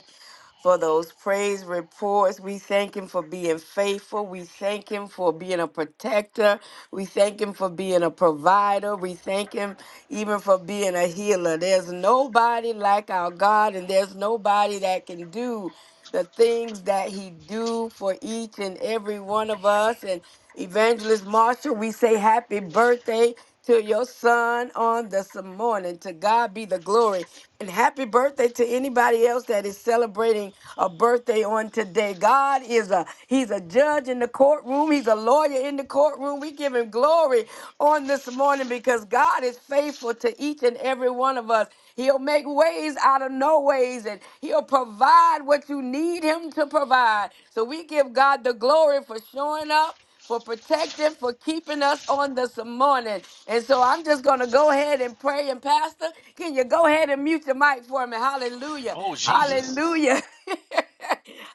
for those praise reports. We thank Him for being faithful. We thank Him for being a protector. We thank Him for being a provider. We thank Him even for being a healer. There's nobody like our God, and there's nobody that can do the things that He do for each and every one of us. And Evangelist Marshall, we say happy birthday to your son on this morning. To God be the glory. And happy birthday to anybody else that is celebrating a birthday on today. God is a He's a judge in the courtroom. He's a lawyer in the courtroom. We give him glory on this morning because God is faithful to each and every one of us. He'll make ways out of no ways and He'll provide what you need Him to provide. So we give God the glory for showing up. For protecting, for keeping us on this morning. And so I'm just going to go ahead and pray. And Pastor, can you go ahead and mute your mic for me? Hallelujah. Oh, Jesus. Hallelujah.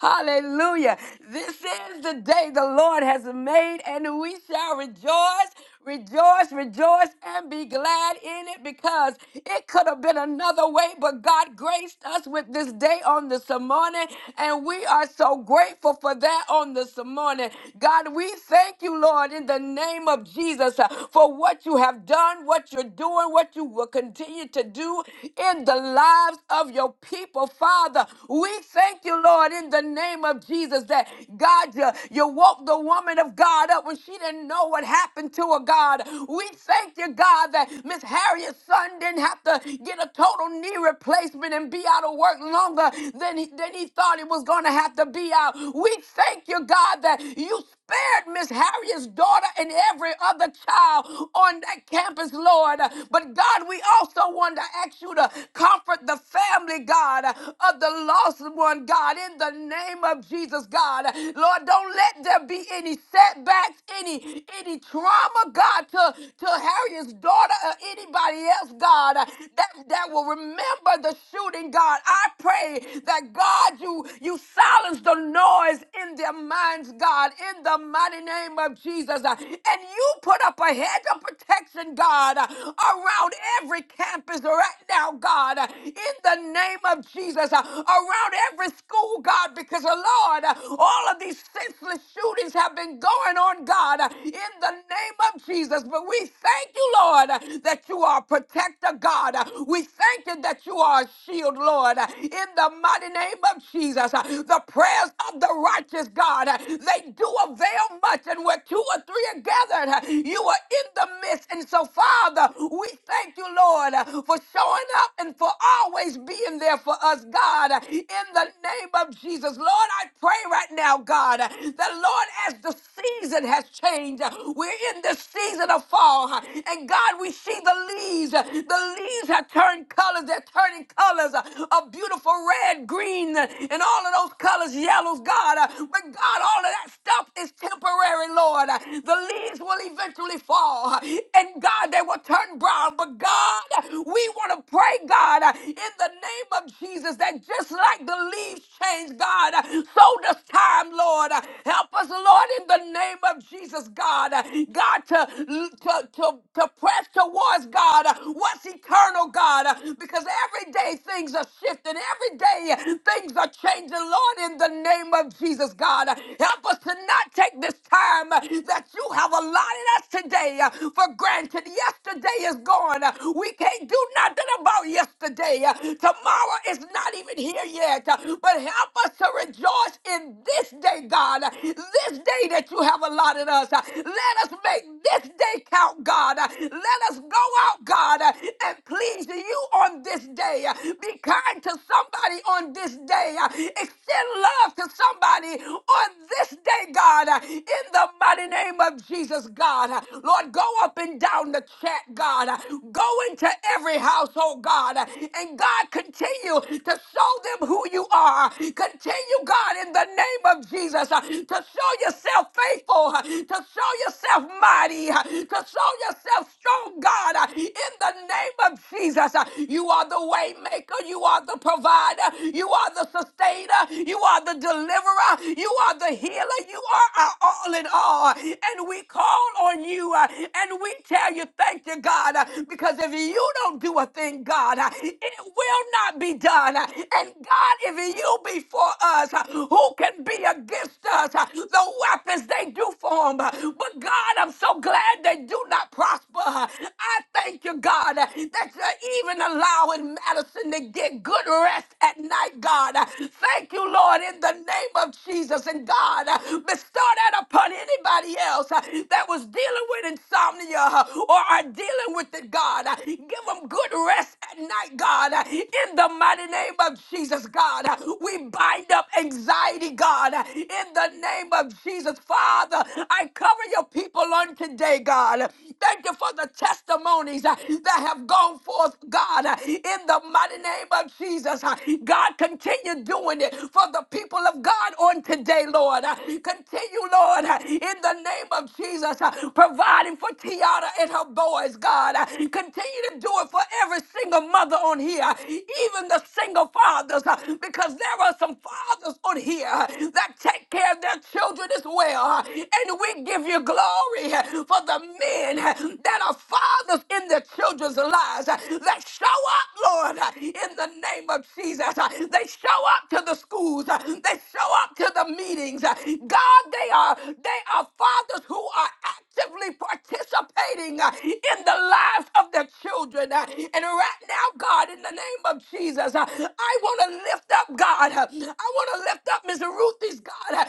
Hallelujah. This is the day the Lord has made, and we shall rejoice, Rejoice, rejoice, and be glad in it because it could have been another way, but God graced us with this day on this morning, and we are so grateful for that on this morning. God, we thank you, Lord, in the name of Jesus, uh, for what you have done, what you're doing, what you will continue to do in the lives of your people, Father. We thank you, Lord, in the name of Jesus, that God, you, you woke the woman of God up when she didn't know know what happened to her, God. We thank you, God, that Miss Harriet's son didn't have to get a total knee replacement and be out of work longer than he, than he thought he was going to have to be out. We thank you, God, that you spared Miss Harriet's daughter and every other child on that campus, Lord. But God, we also want to ask you to comfort the family, God, of the lost one, God, in the name of Jesus, God. Lord, don't let there be any setbacks setbacks, any any trauma, God, to, to Harriet's daughter or anybody else, God, uh, that, that will remember the shooting, God. I pray that God, you you silence the noise in their minds, God, in the mighty name of Jesus. uh, And you put up a hedge of protection, God, uh, around every campus right now, God, uh, in the name of Jesus, uh, around every school, God, because uh, Lord, uh, all of these senseless shootings have been going on, God, in the name of Jesus. But we thank you, Lord, that you are a protector, God. We thank you that you are a shield, Lord, in the mighty name of Jesus. The prayers of the righteous, God, they do avail much, and where two or three are gathered, you are in the midst. And so, Father, we thank you, Lord, for showing up and for always being there for us, God, in the name of Jesus. Lord, I pray right now now, God, that Lord, as the season has changed, we're in the season of fall. And God, we see the leaves. The leaves have turned colors. They're turning colors of beautiful red, green, and all of those colors, yellows, God. But God, all of that stuff is temporary, Lord. The leaves will eventually fall. And God, they will turn brown. But God, we want to pray, God, in the name of Jesus, that just like the leaves change, God, Sold us time, Lord. Help us, Lord, in the name of Jesus, God. God, to, to, to, to press towards God. What's eternal, God? Because every day things are shifting. Every day things are changing, Lord, in the name of Jesus, God. Help us to not take this time that you have allotted us today for granted. Yesterday is gone. We can't do nothing about yesterday. Tomorrow is not even here yet. but. But help us to rejoice in this day, God, this day that you have allotted us. Let us make this day count, God. Let us go out, God, and please you on this day. Be kind to somebody on this day. Extend love to somebody on this day, God, in the mighty name of Jesus, God. Lord, go up and down the chat, God. Go into every household, God. And God, continue to show show them who you are. Continue, God, in the name of Jesus, uh, to show yourself faithful, uh, to show yourself mighty, uh, to show yourself strong, God, uh, in the name of Jesus. Uh, You are the way maker, you are the provider, you are the sustainer, you are the deliverer, you are the healer, you are our all in all. And we call on you uh, and we tell you, thank you, God, uh, because if you don't do a thing, God, uh, it will cannot be done. And God, if you be for us, who can be against us? The weapons they do form. But God, I'm so glad they do not prosper. I thank you, God, that you're even allowing Madison to get good rest at night, God. Thank you, Lord, in the name of Jesus. And God, bestow that upon anybody else that was dealing with insomnia or are dealing with it, God. Give them good rest at night tonight, God, uh, in the mighty name of Jesus, God. Uh, We bind up anxiety, God, uh, in the name of Jesus. Father, I cover your people on today, God. Thank you for the testimonies uh, that have gone forth, God, uh, in the mighty name of Jesus. Uh, God, continue doing it for the people of God on today, Lord. Uh, Continue, Lord, uh, in the name of Jesus, uh, providing for Tiara and her boys, God. Uh, Continue to do it for for every single mother on here, even the single fathers, uh, because there are some fathers on here uh, that take care of their children as well. uh, And we give you glory uh, for the men uh, that are fathers in their children's lives uh, that show up, Lord, uh, in the name of Jesus. uh, They show up to the schools, uh, they show up to the meetings. uh, God, they are they are fathers who are actively participating uh, in the lives of their children. uh, And right now, God, in the name of Jesus, uh, I want to lift up God. uh, I want to lift up Miss Ruthie's God, uh,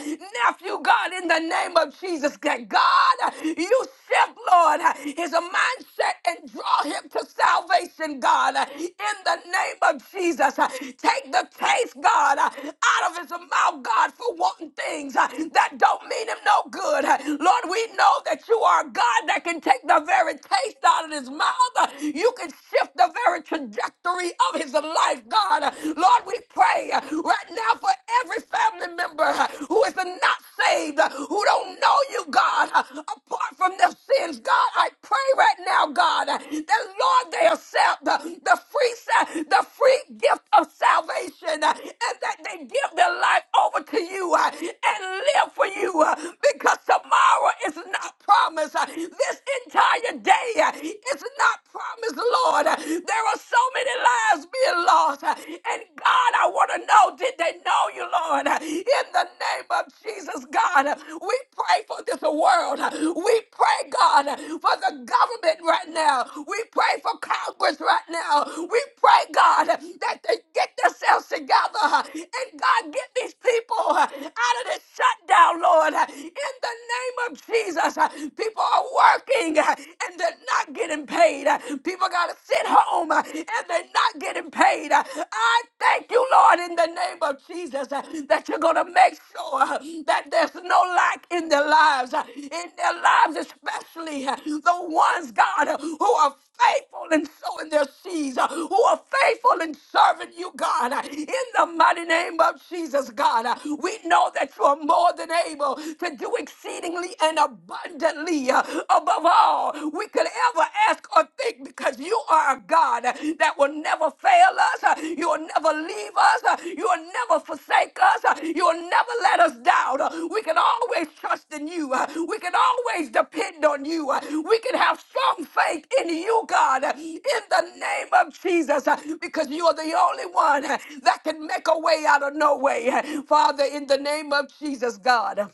nephew God, in the name of Jesus. That God, uh, you shift, Lord, uh, his mindset and draw him to salvation, God, uh, in the name of Jesus. uh, Take the taste, God, uh, out of his mouth, God, for wanting things uh, that don't mean him no good. Uh, Lord, we know that you are a God that can take the very taste out of his mouth. You can shift the very trajectory of his life, God. Lord, we pray right now for every family member who is not saved, who don't know you, God, apart from their sins. God, I pray right now, God, that Lord, they accept the, the free sa- the free gift of salvation uh, and that they give their life over to you uh, and live for you uh, because tomorrow tomorrow is not promised. Uh, This entire day uh, is not promised, Lord. Uh, There are so many lives being lost. Uh, And God, I want to know did they know you, Lord? Uh, In the name of Jesus, God, uh, we pray for this world. Uh, We pray, God, for the government right now. We pray for Congress right now. We pray, God, that they get themselves together. And God, get these people out of this shutdown, Lord. In the name of Jesus, people are working and they're not getting paid. People got to sit home and they're not getting paid. I thank you, Lord, in the name of Jesus, uh, that you're going to make sure uh, that there's no lack in their lives, uh, in their lives, especially uh, the ones, God, uh, who are faithful in sowing their seeds, uh, who are faithful in serving you, God, uh, in the mighty name of Jesus, God. uh, We know that you are more than able to do exceedingly and abundantly uh, above all we could ever ask or think forsake because you are a God uh, that will never fail us. uh, You will never leave us. uh, You will never forsake us. uh, You will never let us down. Uh, We can always trust in you. uh, We can always depend on you. uh, We can have strong faith in you, God, uh, in the name of Jesus, uh, because you are the only one uh, that can make a way out of no way. Uh, Father, in the name of Jesus, God.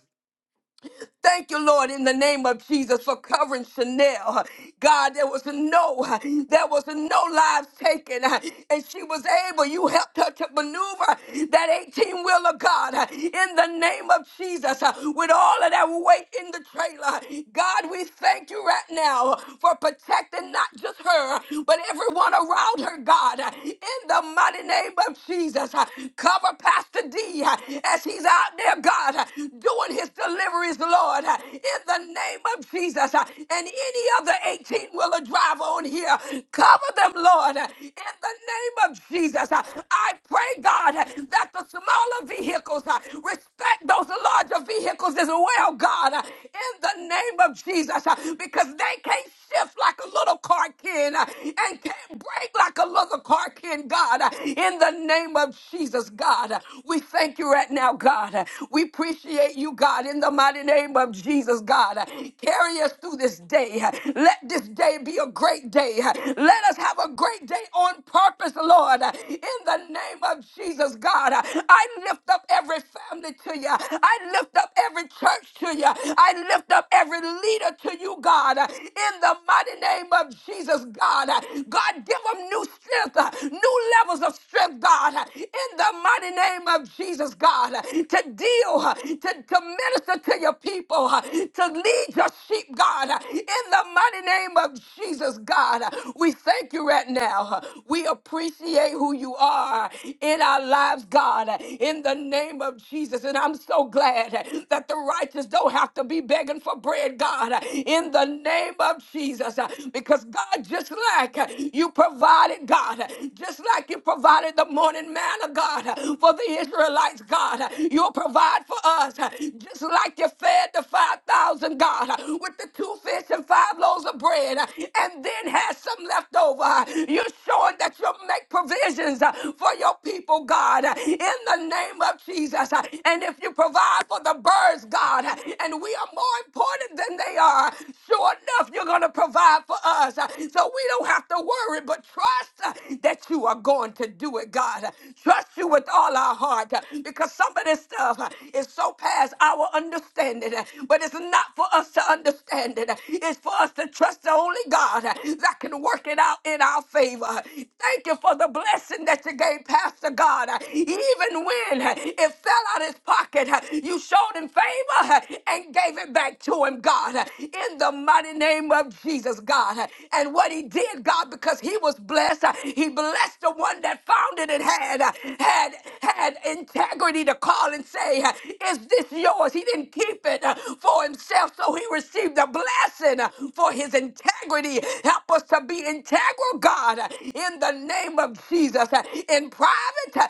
Thank you, Lord, in the name of Jesus for covering Chanel. God, there was no, there was no lives taken, and she was able. You helped her to maneuver that 18 wheeler, God, in the name of Jesus, with all of that weight in the trailer. God, we thank you right now for protecting not just her, but everyone around her, God, in the mighty name of Jesus. Cover Pastor D as he's out there, God, doing his deliveries, Lord, in the name of Jesus. And any of the 18 wheeler drive on here, cover them, Lord, in the name of Jesus. I pray, God, that the smaller vehicles respect those larger vehicles as well, God, in the name of Jesus, because they can't shift like a little car can and can't break like a little car can, God, in the name of Jesus. Jesus, God. We thank you right now, God. We appreciate you, God, in the mighty name of Jesus, God. Carry us through this day. Let this day be a great day. Let us have a great day on purpose, Lord. In the name of Jesus, God, I lift up every family to you. I lift up every church to you. I lift up every leader to you, God. In the mighty name of Jesus, God. God, give them new strength uh, new levels of strength, God, uh, in the mighty name of Jesus, God, uh, to deal, uh, to, to minister to your people, uh, to lead your sheep, God, uh, in the mighty name of Jesus, God. Uh, We thank you right now. Uh, We appreciate who you are in our lives, God, uh, in the name of Jesus. And I'm so glad uh, that the righteous don't have to be begging for bread, God, uh, in the name of Jesus, uh, because God, just like you provided, God, just like you provided the morning manna, God, for the Israelites, God, you'll provide for us, just like you fed the 5,000, God, with the two fish and five loaves of bread, and then had some left over. You're showing that you'll make provisions for your people, God, in the name of Jesus. And if you provide for the birds, God, and we are more important than they are sure enough, you're going to provide for us. Uh, So we don't have to worry, but trust uh, that you are going to do it, God. Uh, Trust you with all our heart uh, because some of this stuff uh, is so past our understanding, uh, but it's not for us to understand it. Uh, It's for us to trust the only God uh, that can work it out in our favor. Uh, Thank you for the blessing that you gave Pastor God. Uh, Even when uh, it fell out his pocket, uh, you showed him favor uh, and gave it back to him, God, in the mighty name of Jesus, God. And what he did, God, because he was blessed, he blessed the one that found it and had had had integrity to call and say, "Is this yours?" He didn't keep it uh, for himself, so he received a blessing uh, for his integrity. Help us to be integral, God, uh, in the name of Jesus, uh, in private uh,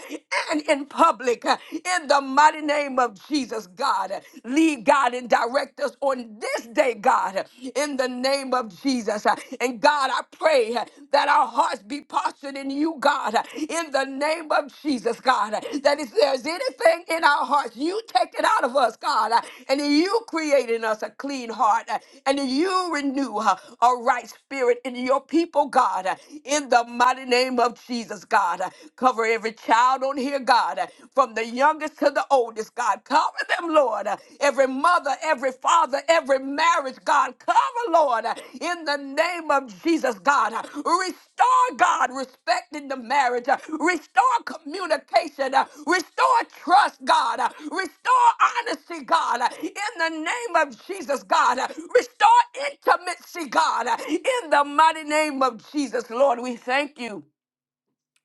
and in public, uh, in the mighty mighty name of Jesus, God. Lead, God, and direct us on this day, God, in the name of Jesus. And God, I pray that our hearts be postured in you, God, in the name of Jesus, God. That if there's anything in our hearts, you take it out of us, God. And you create in us a clean heart. And you renew a right spirit in your people, God, in the mighty name of Jesus, God. Cover every child out on here, God, from the youngest to the oldest, God. Cover them, Lord. Every mother, every father, every marriage, God. Cover, Lord, in the name of Jesus, God. Restore, God, respect in the marriage. Restore communication. Restore trust, God. Restore honesty, God. In the name of Jesus, God. Restore intimacy, God. In the mighty name of Jesus, Lord, we thank you.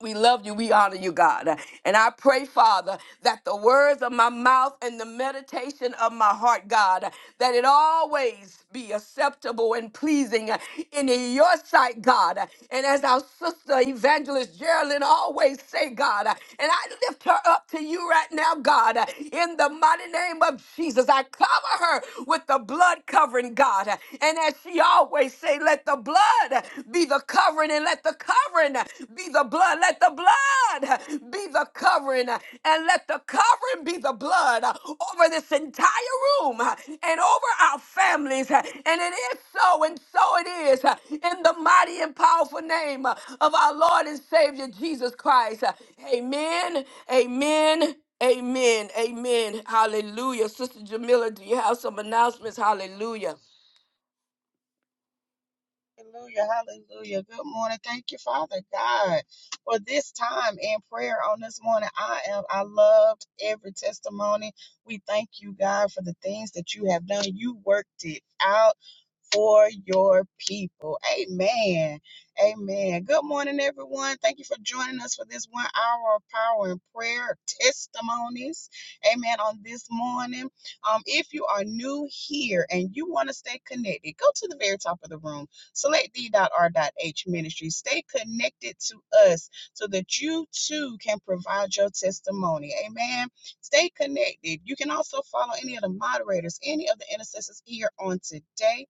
We love you. We honor you, God. And I pray, Father, that the words of my mouth and the meditation of my heart, God, that it always be acceptable and pleasing in your sight, God. And as our sister evangelist Geraldine always say, God, and I lift her up to you right now, God, in the mighty name of Jesus. I cover her with the blood covering, God. And as she always say, let the blood be the covering and let the covering be the blood. Let the blood be the covering and let the covering be the blood over this entire room and over our families. And it is so, and so it is in the mighty and powerful name of our Lord and Savior Jesus Christ. Amen. Amen. Amen. Amen. Hallelujah. Sister Jamila, do you have some announcements? Hallelujah. Hallelujah, hallelujah. Good morning. Thank you, Father God, for this time in prayer on this morning. I am I loved every testimony. We thank you, God, for the things that you have done. You worked it out. for your people. Amen. Amen. Good morning, everyone. Thank you for joining us for this one hour of power and prayer testimonies. Amen. On this morning, um, if you are new here and you want to stay connected, go to the very top of the room. Select d.r.h ministry. Stay connected to us so that you too can provide your testimony. Amen. Stay connected. You can also follow any of the moderators, any of the intercessors here on today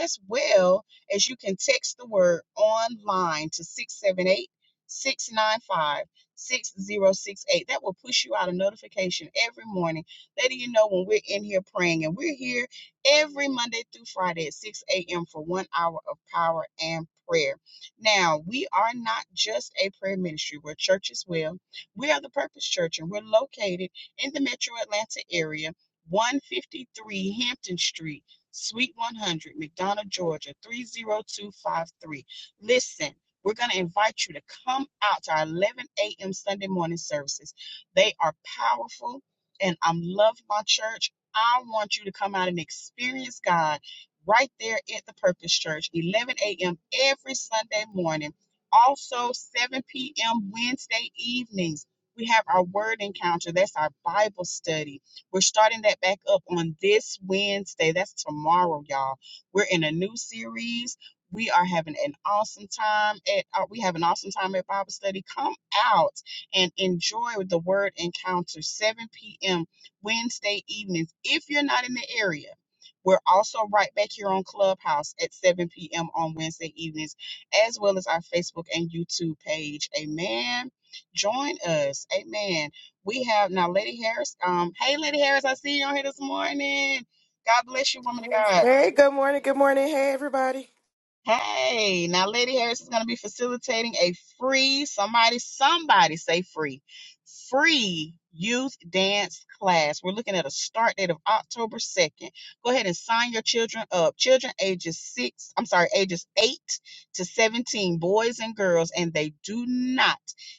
as well as you can text the word online to 678 695 6068. That will push you out a notification every morning, letting you know when we're in here praying. And we're here every Monday through Friday at 6 a.m. for one hour of power and prayer. Now, we are not just a prayer ministry, we're a church as well. We are the Purpose Church, and we're located in the metro Atlanta area. 153 Hampton Street. Suite 100, McDonough, Georgia, 30253. Listen, we're going to invite you to come out to our 11 a.m. Sunday morning services. They are powerful, and I love my church. I want you to come out and experience God right there at the Purpose Church, 11 a.m. every Sunday morning. Also, 7 p.m. Wednesday evenings, we have our word encounter. That's our Bible study we're starting that back up on this Wednesday. That's tomorrow, y'all. We're in a new series. We are having an awesome time at uh, we have an awesome time at Bible study. Come out and enjoy the Word Encounter 7 p.m. Wednesday evenings. If you're not in the area, we're also right back here on Clubhouse at 7 p.m. on Wednesday evenings, as well as our Facebook and YouTube page. Amen. Join us. Amen we have now Lady Harris. Um, hey Lady Harris, I see you on here this morning. God bless you, woman of God. Hey, good morning, good morning. Hey, everybody. Hey, now Lady Harris is going to be facilitating a free, somebody, somebody say free, free youth dance class. We're looking at a start date of October 2nd. Go ahead and sign your children up. Children ages six, I'm sorry, ages eight to 17, boys and girls, and they do not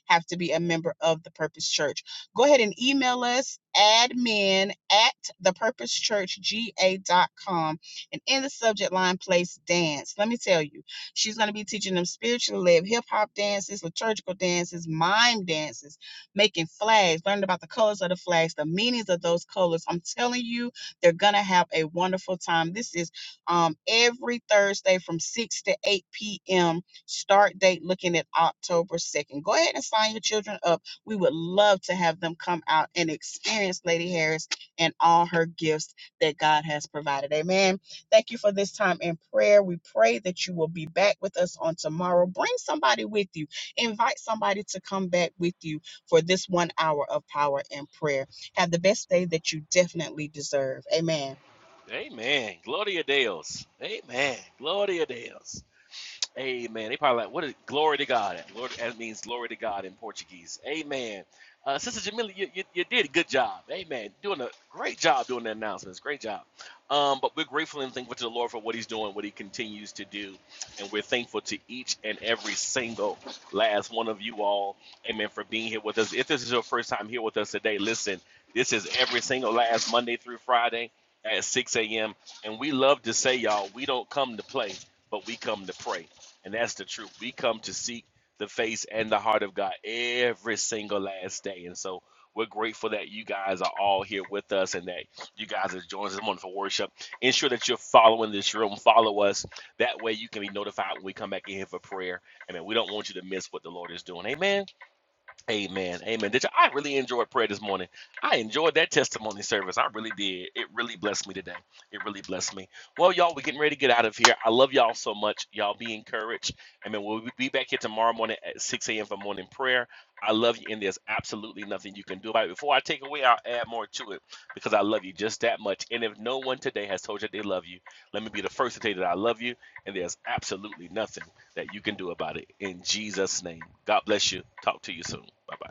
have to be a member of the Purpose Church. Go ahead and email us admin at thepurposechurchga.com and in the subject line, place dance. Let me tell you, she's going to be teaching them spiritually led hip hop dances, liturgical dances, mime dances, making flags, learning about the colors of the flags, the meanings of those colors. I'm telling you, they're going to have a wonderful time. This is um, every Thursday from 6 to 8 p.m. Start date looking at October 2nd. Go ahead and sign your children up. We would love to have them come out and experience Lady Harris and all her gifts that God has provided. Amen. Thank you for this time in prayer. We pray that you will be back with us on tomorrow. Bring somebody with you, invite somebody to come back with you for this one hour of power and prayer. Have the best day that you definitely deserve. Amen. Amen. Gloria Deus. Amen. Gloria Deus. Amen. They probably like, what is glory to God? Lord, that means glory to God in Portuguese. Amen. Uh, Sister Jamila, you, you, you did a good job. Amen. Doing a great job doing the announcements. Great job. Um, but we're grateful and thankful to the Lord for what He's doing, what He continues to do. And we're thankful to each and every single last one of you all. Amen. For being here with us. If this is your first time here with us today, listen, this is every single last Monday through Friday at 6 a.m. And we love to say, y'all, we don't come to play, but we come to pray. And that's the truth. We come to seek the face and the heart of God every single last day. And so we're grateful that you guys are all here with us and that you guys are joining us this morning for worship. Ensure that you're following this room. Follow us. That way you can be notified when we come back in here for prayer. I mean, We don't want you to miss what the Lord is doing. Amen. Amen. Amen. Did you, I really enjoyed prayer this morning. I enjoyed that testimony service. I really did. It really blessed me today. It really blessed me. Well, y'all, we're getting ready to get out of here. I love y'all so much. Y'all be encouraged. Amen. We'll be back here tomorrow morning at 6 a.m. for morning prayer. I love you, and there's absolutely nothing you can do about it. Before I take away, I'll add more to it because I love you just that much. And if no one today has told you that they love you, let me be the first to tell you that I love you, and there's absolutely nothing that you can do about it in Jesus' name. God bless you. Talk to you soon. Bye bye.